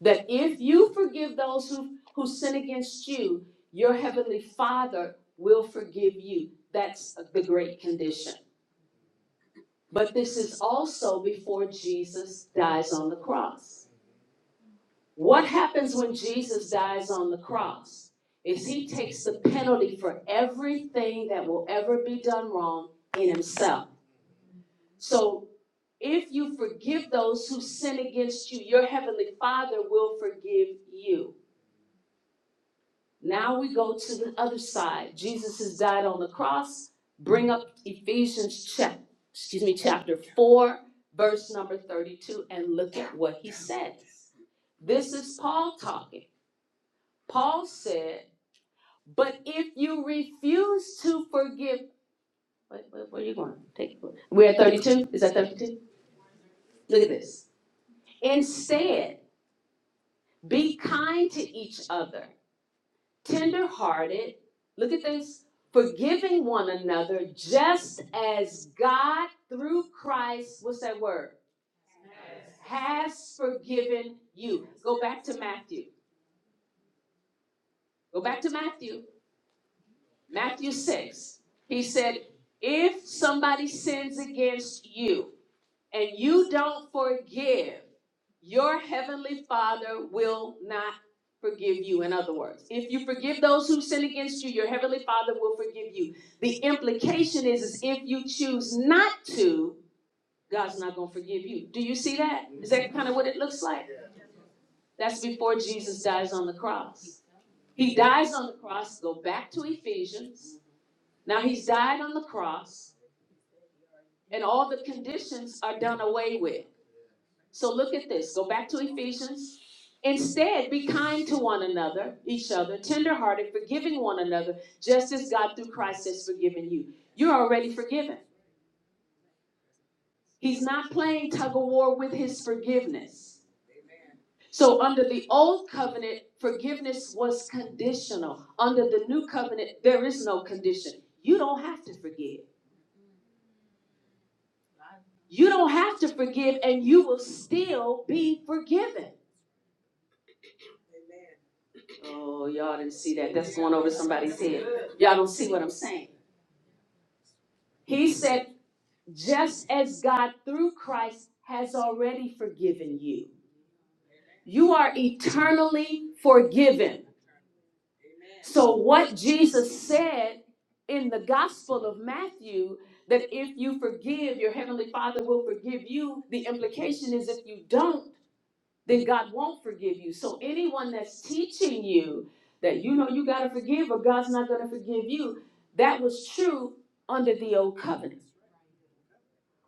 [SPEAKER 1] That if you forgive those who, who sin against you, your heavenly Father will forgive you. That's the great condition. But this is also before Jesus dies on the cross. What happens when Jesus dies on the cross? Is he takes the penalty for everything that will ever be done wrong in himself. So If you forgive those who sin against you, your heavenly Father will forgive you. Now we go to the other side. Jesus has died on the cross. Bring up Ephesians chap, excuse me, chapter 4, verse number 32, and look at what he says. This is Paul talking. Paul said, But if you refuse to forgive, wait, wait, where are you going? Take, it. we're at 32. Is that 32? Look at this. Instead, Be kind to each other, tender-hearted. Look at this. Forgiving one another, just as God through Christ, what's that word? Has forgiven you. Go back to Matthew. Go back to Matthew. Matthew 6. He said, If somebody sins against you, and you don't forgive, your heavenly Father will not forgive you. In other words, if you forgive those who sin against you, your heavenly Father will forgive you. The implication is, is if you choose not to, God's not going to forgive you. Do you see that? Is that kind of what it looks like? That's before Jesus dies on the cross. He dies on the cross. Go back to Ephesians. Now he's died on the cross, and all the conditions are done away with. So look at this. Go back to Ephesians. Instead, be kind to one another, each other, tenderhearted, forgiving one another, just as God through Christ has forgiven you. You're already forgiven. He's not playing tug of war with his forgiveness. So, under the old covenant, forgiveness was conditional. Under the new covenant, there is no condition. You don't have to forgive. You don't have to forgive, and you will still be forgiven. Oh, y'all didn't see that. That's going over somebody's head. Y'all don't see what I'm saying. He said, just as God through Christ has already forgiven you, you are eternally forgiven. So, what Jesus said in the Gospel of Matthew, that if you forgive, your Heavenly Father will forgive you, the implication is if you don't, then God won't forgive you. So anyone that's teaching you that you know you got to forgive or God's not going to forgive you, that was true under the old covenant.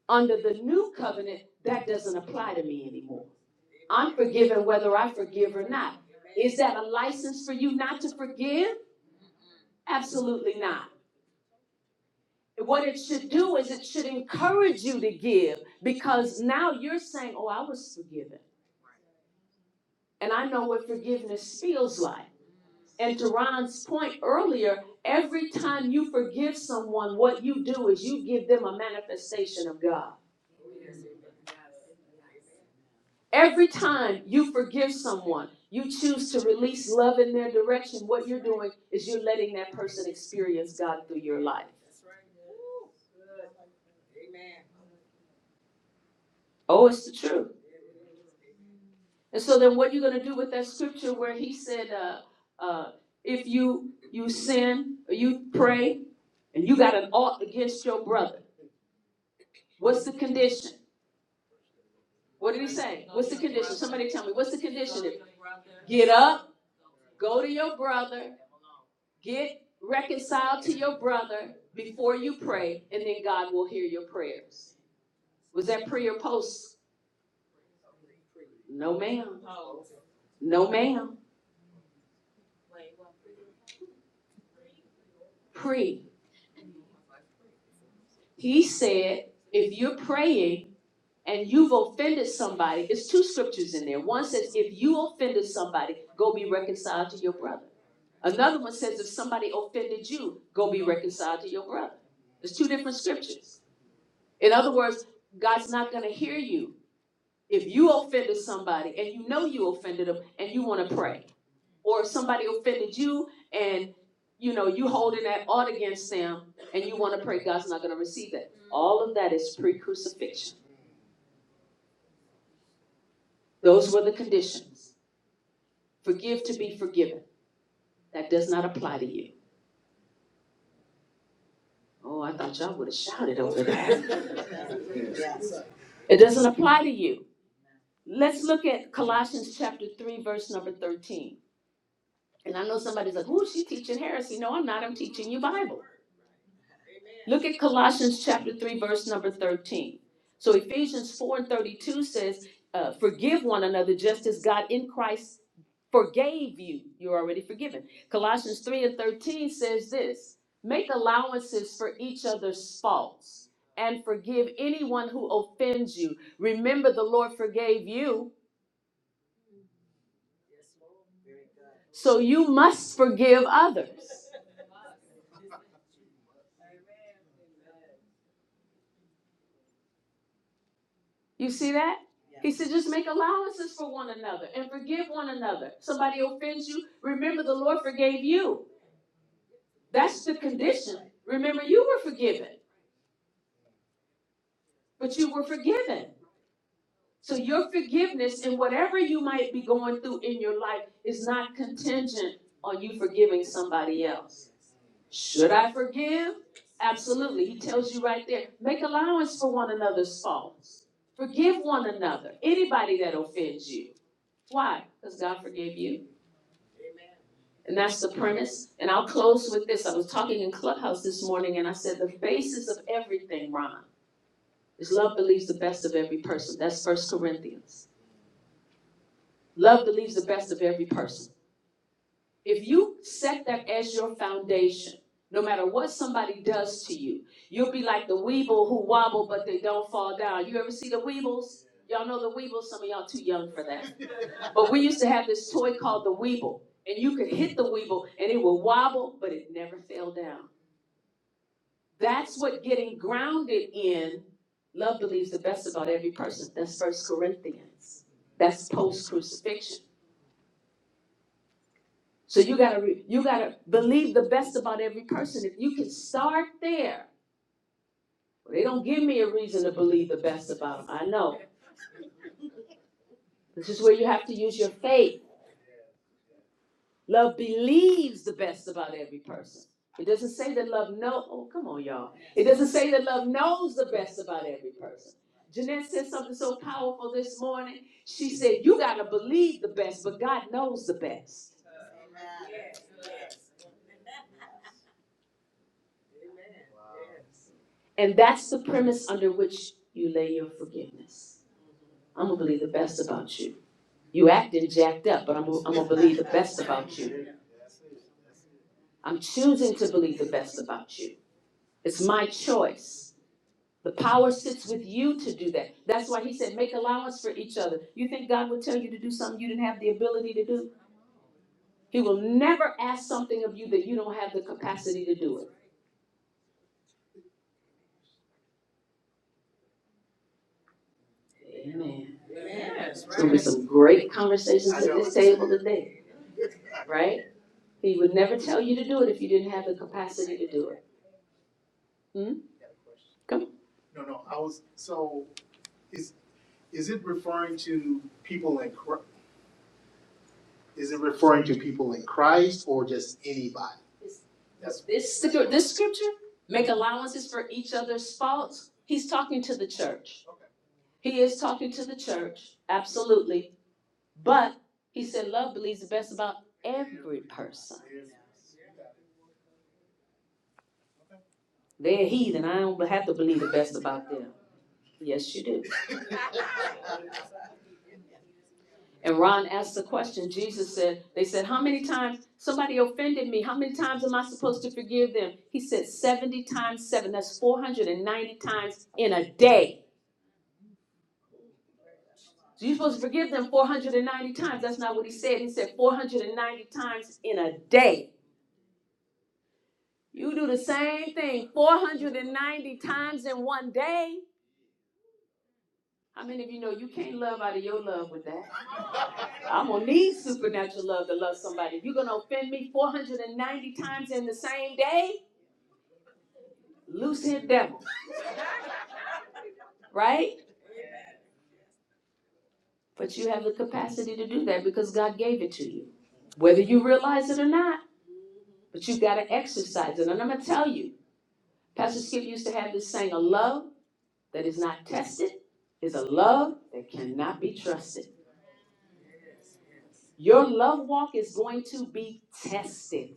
[SPEAKER 1] Under the new covenant, that doesn't apply to me anymore. I'm forgiven whether I forgive or not. Is that a license for you not to forgive? Absolutely not. What it should do is it should encourage you to give because now you're saying, Oh, I was forgiven. And I know what forgiveness feels like. And to Ron's point earlier, every time you forgive someone, what you do is you give them a manifestation of God. Every time you forgive someone, you choose to release love in their direction. What you're doing is you're letting that person experience God through your life. Oh, it's the truth. And so then, what you're going to do with that scripture where he said, uh, uh, "If you you sin or you pray and you got an ought against your brother, what's the condition?" What did he say? What's the condition? Somebody tell me, what's the condition? Get up, go to your brother, get reconciled to your brother before you pray, and then God will hear your prayers. Was that pre or post? No, ma'am. No, ma'am. Pre. He said, if you're praying and you've offended somebody, it's two scriptures in there. One says, if you offended somebody, go be reconciled to your brother. Another one says, if somebody offended you, go be reconciled to your brother. There's two different scriptures. In other words, God's not going to hear you if you offended somebody and you know you offended them and you want to pray, or if somebody offended you and you know you holding that ought against them and you want to pray. God's not going to receive that. All of that is pre-crucifixion. Those were the conditions. Forgive to be forgiven. That does not apply to you. Oh, I thought y'all would have shouted over that. It doesn't apply to you. Let's look at Colossians chapter 3, verse number 13. And I know somebody's like, "Ooh, she's teaching heresy." No, I'm not. I'm teaching you Bible. Look at Colossians chapter three, verse number thirteen. So Ephesians four and thirty-two says, uh, "Forgive one another, just as God in Christ forgave you. You're already forgiven." Colossians three and thirteen says this: "Make allowances for each other's faults." And forgive anyone who offends you. Remember, the Lord forgave you, so you must forgive others. You see that? He said, just make allowances for one another and forgive one another. Somebody offends you, remember the Lord forgave you. That's the condition. Remember, you were forgiven, but you were forgiven. So your forgiveness and whatever you might be going through in your life is not contingent on you forgiving somebody else. Should I forgive? Absolutely. He tells you right there, make allowance for one another's faults. Forgive one another, anybody that offends you. Why? Because God forgave you. And that's the premise. And I'll close with this. I was talking in Clubhouse this morning and I said, the basis of everything, Ron, is love believes the best of every person. That's First Corinthians. Love believes the best of every person. If you set that as your foundation, no matter what somebody does to you, you'll be like the weeble who wobble but they don't fall down. You ever see the weebles? Y'all know the weebles. Some of y'all too young for that. But we used to have this toy called the Weeble, and you could hit the Weeble and it would wobble, but it never fell down. That's what getting grounded in love believes the best about every person. That's First Corinthians. That's post crucifixion. So you gotta re- you gotta believe the best about every person. If you can start there, well, they don't give me a reason to believe the best about them. I know this is where you have to use your faith. Love believes the best about every person. It doesn't say that love know. Oh, come on, y'all. It doesn't say that love knows the best about every person. Jeanette said something so powerful this morning. She said, "You gotta believe the best, but God knows the best." And that's the premise under which you lay your forgiveness. I'm gonna believe the best about you. You acting jacked up, but I'm gonna believe the best about you. I'm choosing to believe the best about you. It's my choice. The power sits with you to do that. That's why he said, make allowance for each other. You think God would tell you to do something you didn't have the ability to do? He will never ask something of you that you don't have the capacity to do it. Amen. There's gonna be right. some great conversations at this table today, right? He would never tell you to do it if you didn't have the capacity to do it. Hmm? Come. on. No, no, I was, so is, is it referring to people in, Is it referring to people in Christ or just anybody? Does This this scripture, make allowances for each other's faults. He's talking to the church. Okay. He is talking to the church, absolutely. But he said, love believes the best about every person. They're heathen. I don't have to believe the best about them. Yes, you do. And Ron asked the question, Jesus said, they said, how many times somebody offended me? How many times am I supposed to forgive them? He said, 70 times 7. That's 490 times in a day. So you're supposed to forgive them 490 times. That's not what he said. He said 490 times in a day. You do the same thing 490 times in one day. How many of you know you can't love out of your love with that? I'm gonna need supernatural love to love somebody. You're gonna offend me 490 times in the same day? Lucid devil, right? But you have the capacity to do that because God gave it to you. Whether you realize it or not, but you've got to exercise it. And I'm going to tell you, Pastor Skip used to have this saying a love that is not tested is a love that cannot be trusted. Your love walk is going to be tested.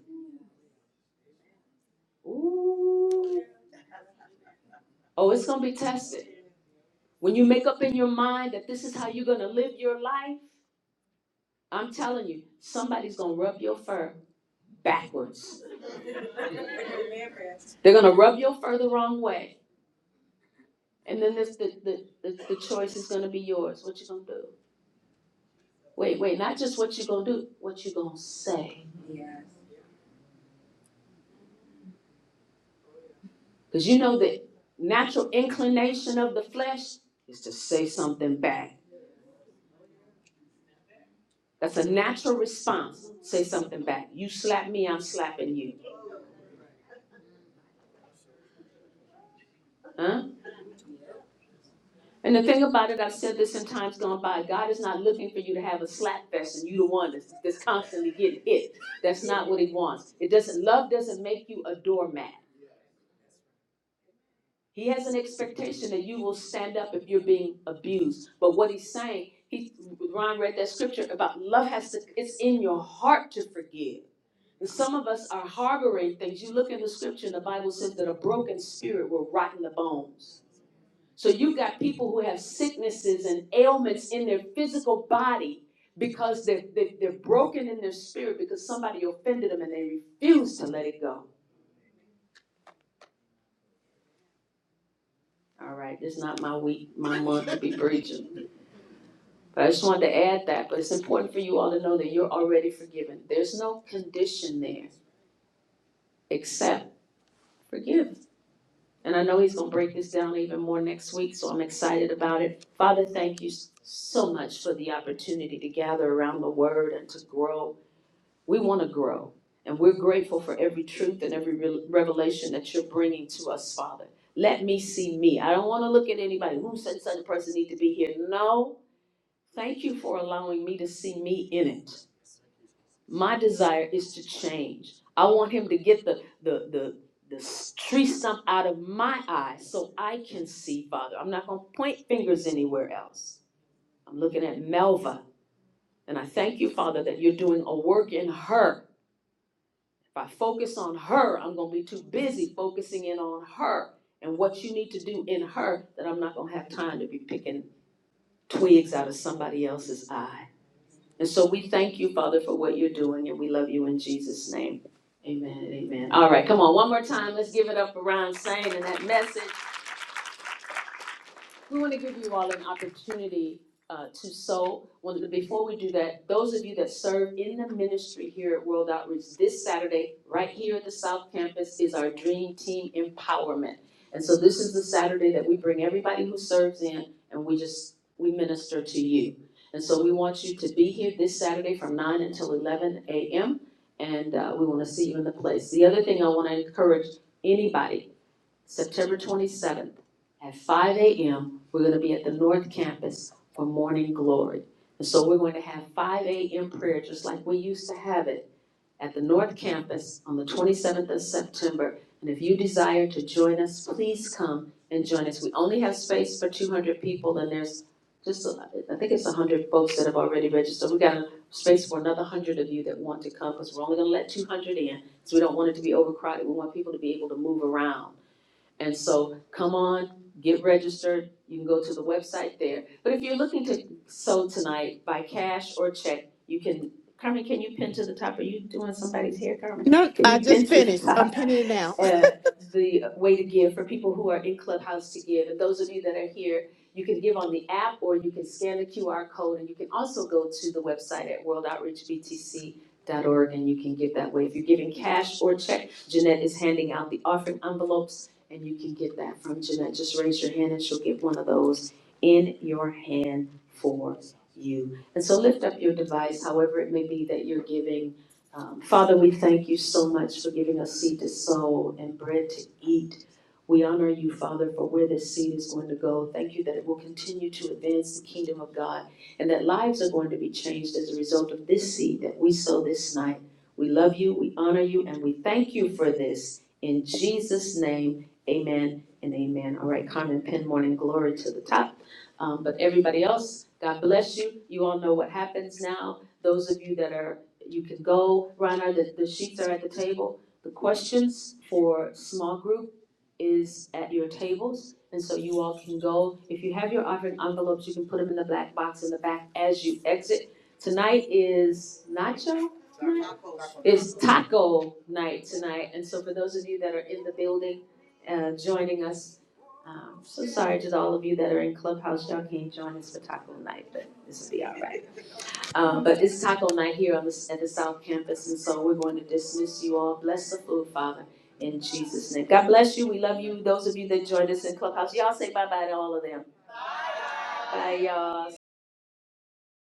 [SPEAKER 1] Ooh. Oh, it's going to be tested. When you make up in your mind that this is how you're going to live your life, I'm telling you, somebody's going to rub your fur backwards They're gonna rub your fur the wrong way, and then this the the, the, the choice is gonna be yours. What you gonna do? Wait, wait, not just what you gonna do, what you gonna say? Because you know the natural inclination of the flesh is to say something back. That's a natural response. Say something back. You slap me, I'm slapping you. Huh? And the thing about it, I've said this in times gone by. God is not looking for you to have a slap fest and you the one that's, that's constantly getting hit. That's not what He wants. It doesn't. Love doesn't make you a doormat. He has an expectation that you will stand up if you're being abused. But what he's saying, he Ron read that scripture about love has to it's in your heart to forgive. And some of us are harboring things. You look in the scripture and the Bible says that a broken spirit will rot in the bones. So you got people who have sicknesses and ailments in their physical body because they're, they're, they're broken in their spirit because somebody offended them and they refuse to let it go. All right, it's not my week, my month to be preaching. But I just wanted to add that, but it's important for you all to know that you're already forgiven. There's no condition there except forgive. And I know he's gonna break this down even more next week, so I'm excited about it. Father, thank you so much for the opportunity to gather around the word and to grow. We wanna grow, and we're grateful for every truth and every re- revelation that you're bringing to us, Father. Let me see me. I don't wanna look at anybody who said such a person need to be here. No, thank you for allowing me to see me in it My desire is to change. I want him to get the the the the tree stump out of my eye so I can see, Father. I'm not going to point fingers anywhere else. I'm looking at Melva, and I thank you, Father, that you're doing a work in her. If I focus on her, I'm going to be too busy focusing in on her and what you need to do in her that I'm not going to have time to be picking twigs out of somebody else's eye. And so we thank you, Father, for what you're doing, and we love you in Jesus' name. Amen and amen. All right, come on, one more time. Let's give it up for Ron Sane and that message we wanna give you all an opportunity uh to sow. Well, before we do that, those of you that serve in the ministry here at World Outreach this Saturday, right here at the South Campus, is our Dream Team Empowerment. And so this is the Saturday that we bring everybody who serves in and we just, we minister to you. And so we want you to be here this Saturday from nine until eleven AM. And uh we wanna see you in the place. The other thing I wanna encourage anybody September twenty-seventh, at five AM, we're gonna be at the North Campus for Morning Glory. And so we're going to have five AM prayer, just like we used to have it, at the North Campus on the twenty-seventh of September. And if you desire to join us, please come and join us. We only have space for two hundred people, and there's just, a- I think it's one hundred folks that have already registered. We have got a space for another one hundred of you that want to come, because we're only gonna let two hundred in, so we don't want it to be overcrowded. We want people to be able to move around. And so come on, get registered. You can go to the website there. But if you're looking to sow tonight by cash or check, you can, Carmen, can you pin to the top? Are you doing somebody's hair, Carmen?
[SPEAKER 3] No,
[SPEAKER 1] Can
[SPEAKER 3] I
[SPEAKER 1] you
[SPEAKER 3] just
[SPEAKER 1] pin to the
[SPEAKER 3] finished.
[SPEAKER 1] top?
[SPEAKER 3] I'm pinning it now.
[SPEAKER 1] uh, the way to give for people who are in Clubhouse to give. And those of you that are here, you can give on the app or you can scan the QR code and you can also go to the website at worldoutreachbtc.org and you can give that way. If you're giving cash or check, Jeanette is handing out the offering envelopes and you can get that from Jeanette. Just raise your hand and she'll get one of those in your hand for you. And so lift up your device, however it may be that you're giving um, Father, we thank you so much for giving us seed to sow and bread to eat. We honor you, Father, for where this seed is going to go. Thank you that it will continue to advance the kingdom of God and that lives are going to be changed as a result of this seed that we sow this night. We love you, we honor you, and we thank you for this. In Jesus' name, amen and amen. All right, Carmen Penn, morning glory to the top. Um, but everybody else, God bless you. You all know what happens now. Those of you that are you can go, Reiner, the, the sheets are at the table. The questions for small group is at your tables, and so you all can go. If you have your offering envelopes, you can put them in the black box in the back as you exit. Tonight is nacho night? It's taco night tonight, and so for those of you that are in the building, uh, joining us, um, so sorry to all of you that are in Clubhouse, y'all can't join us for taco night, but this will be all right. Um, but it's taco night here on the, at the South Campus, and so we're going to dismiss you all. Bless the food, Father, in Jesus' name. God bless you. We love you. Those of you that joined us in Clubhouse, y'all say bye bye to all of them. Bye, y'all.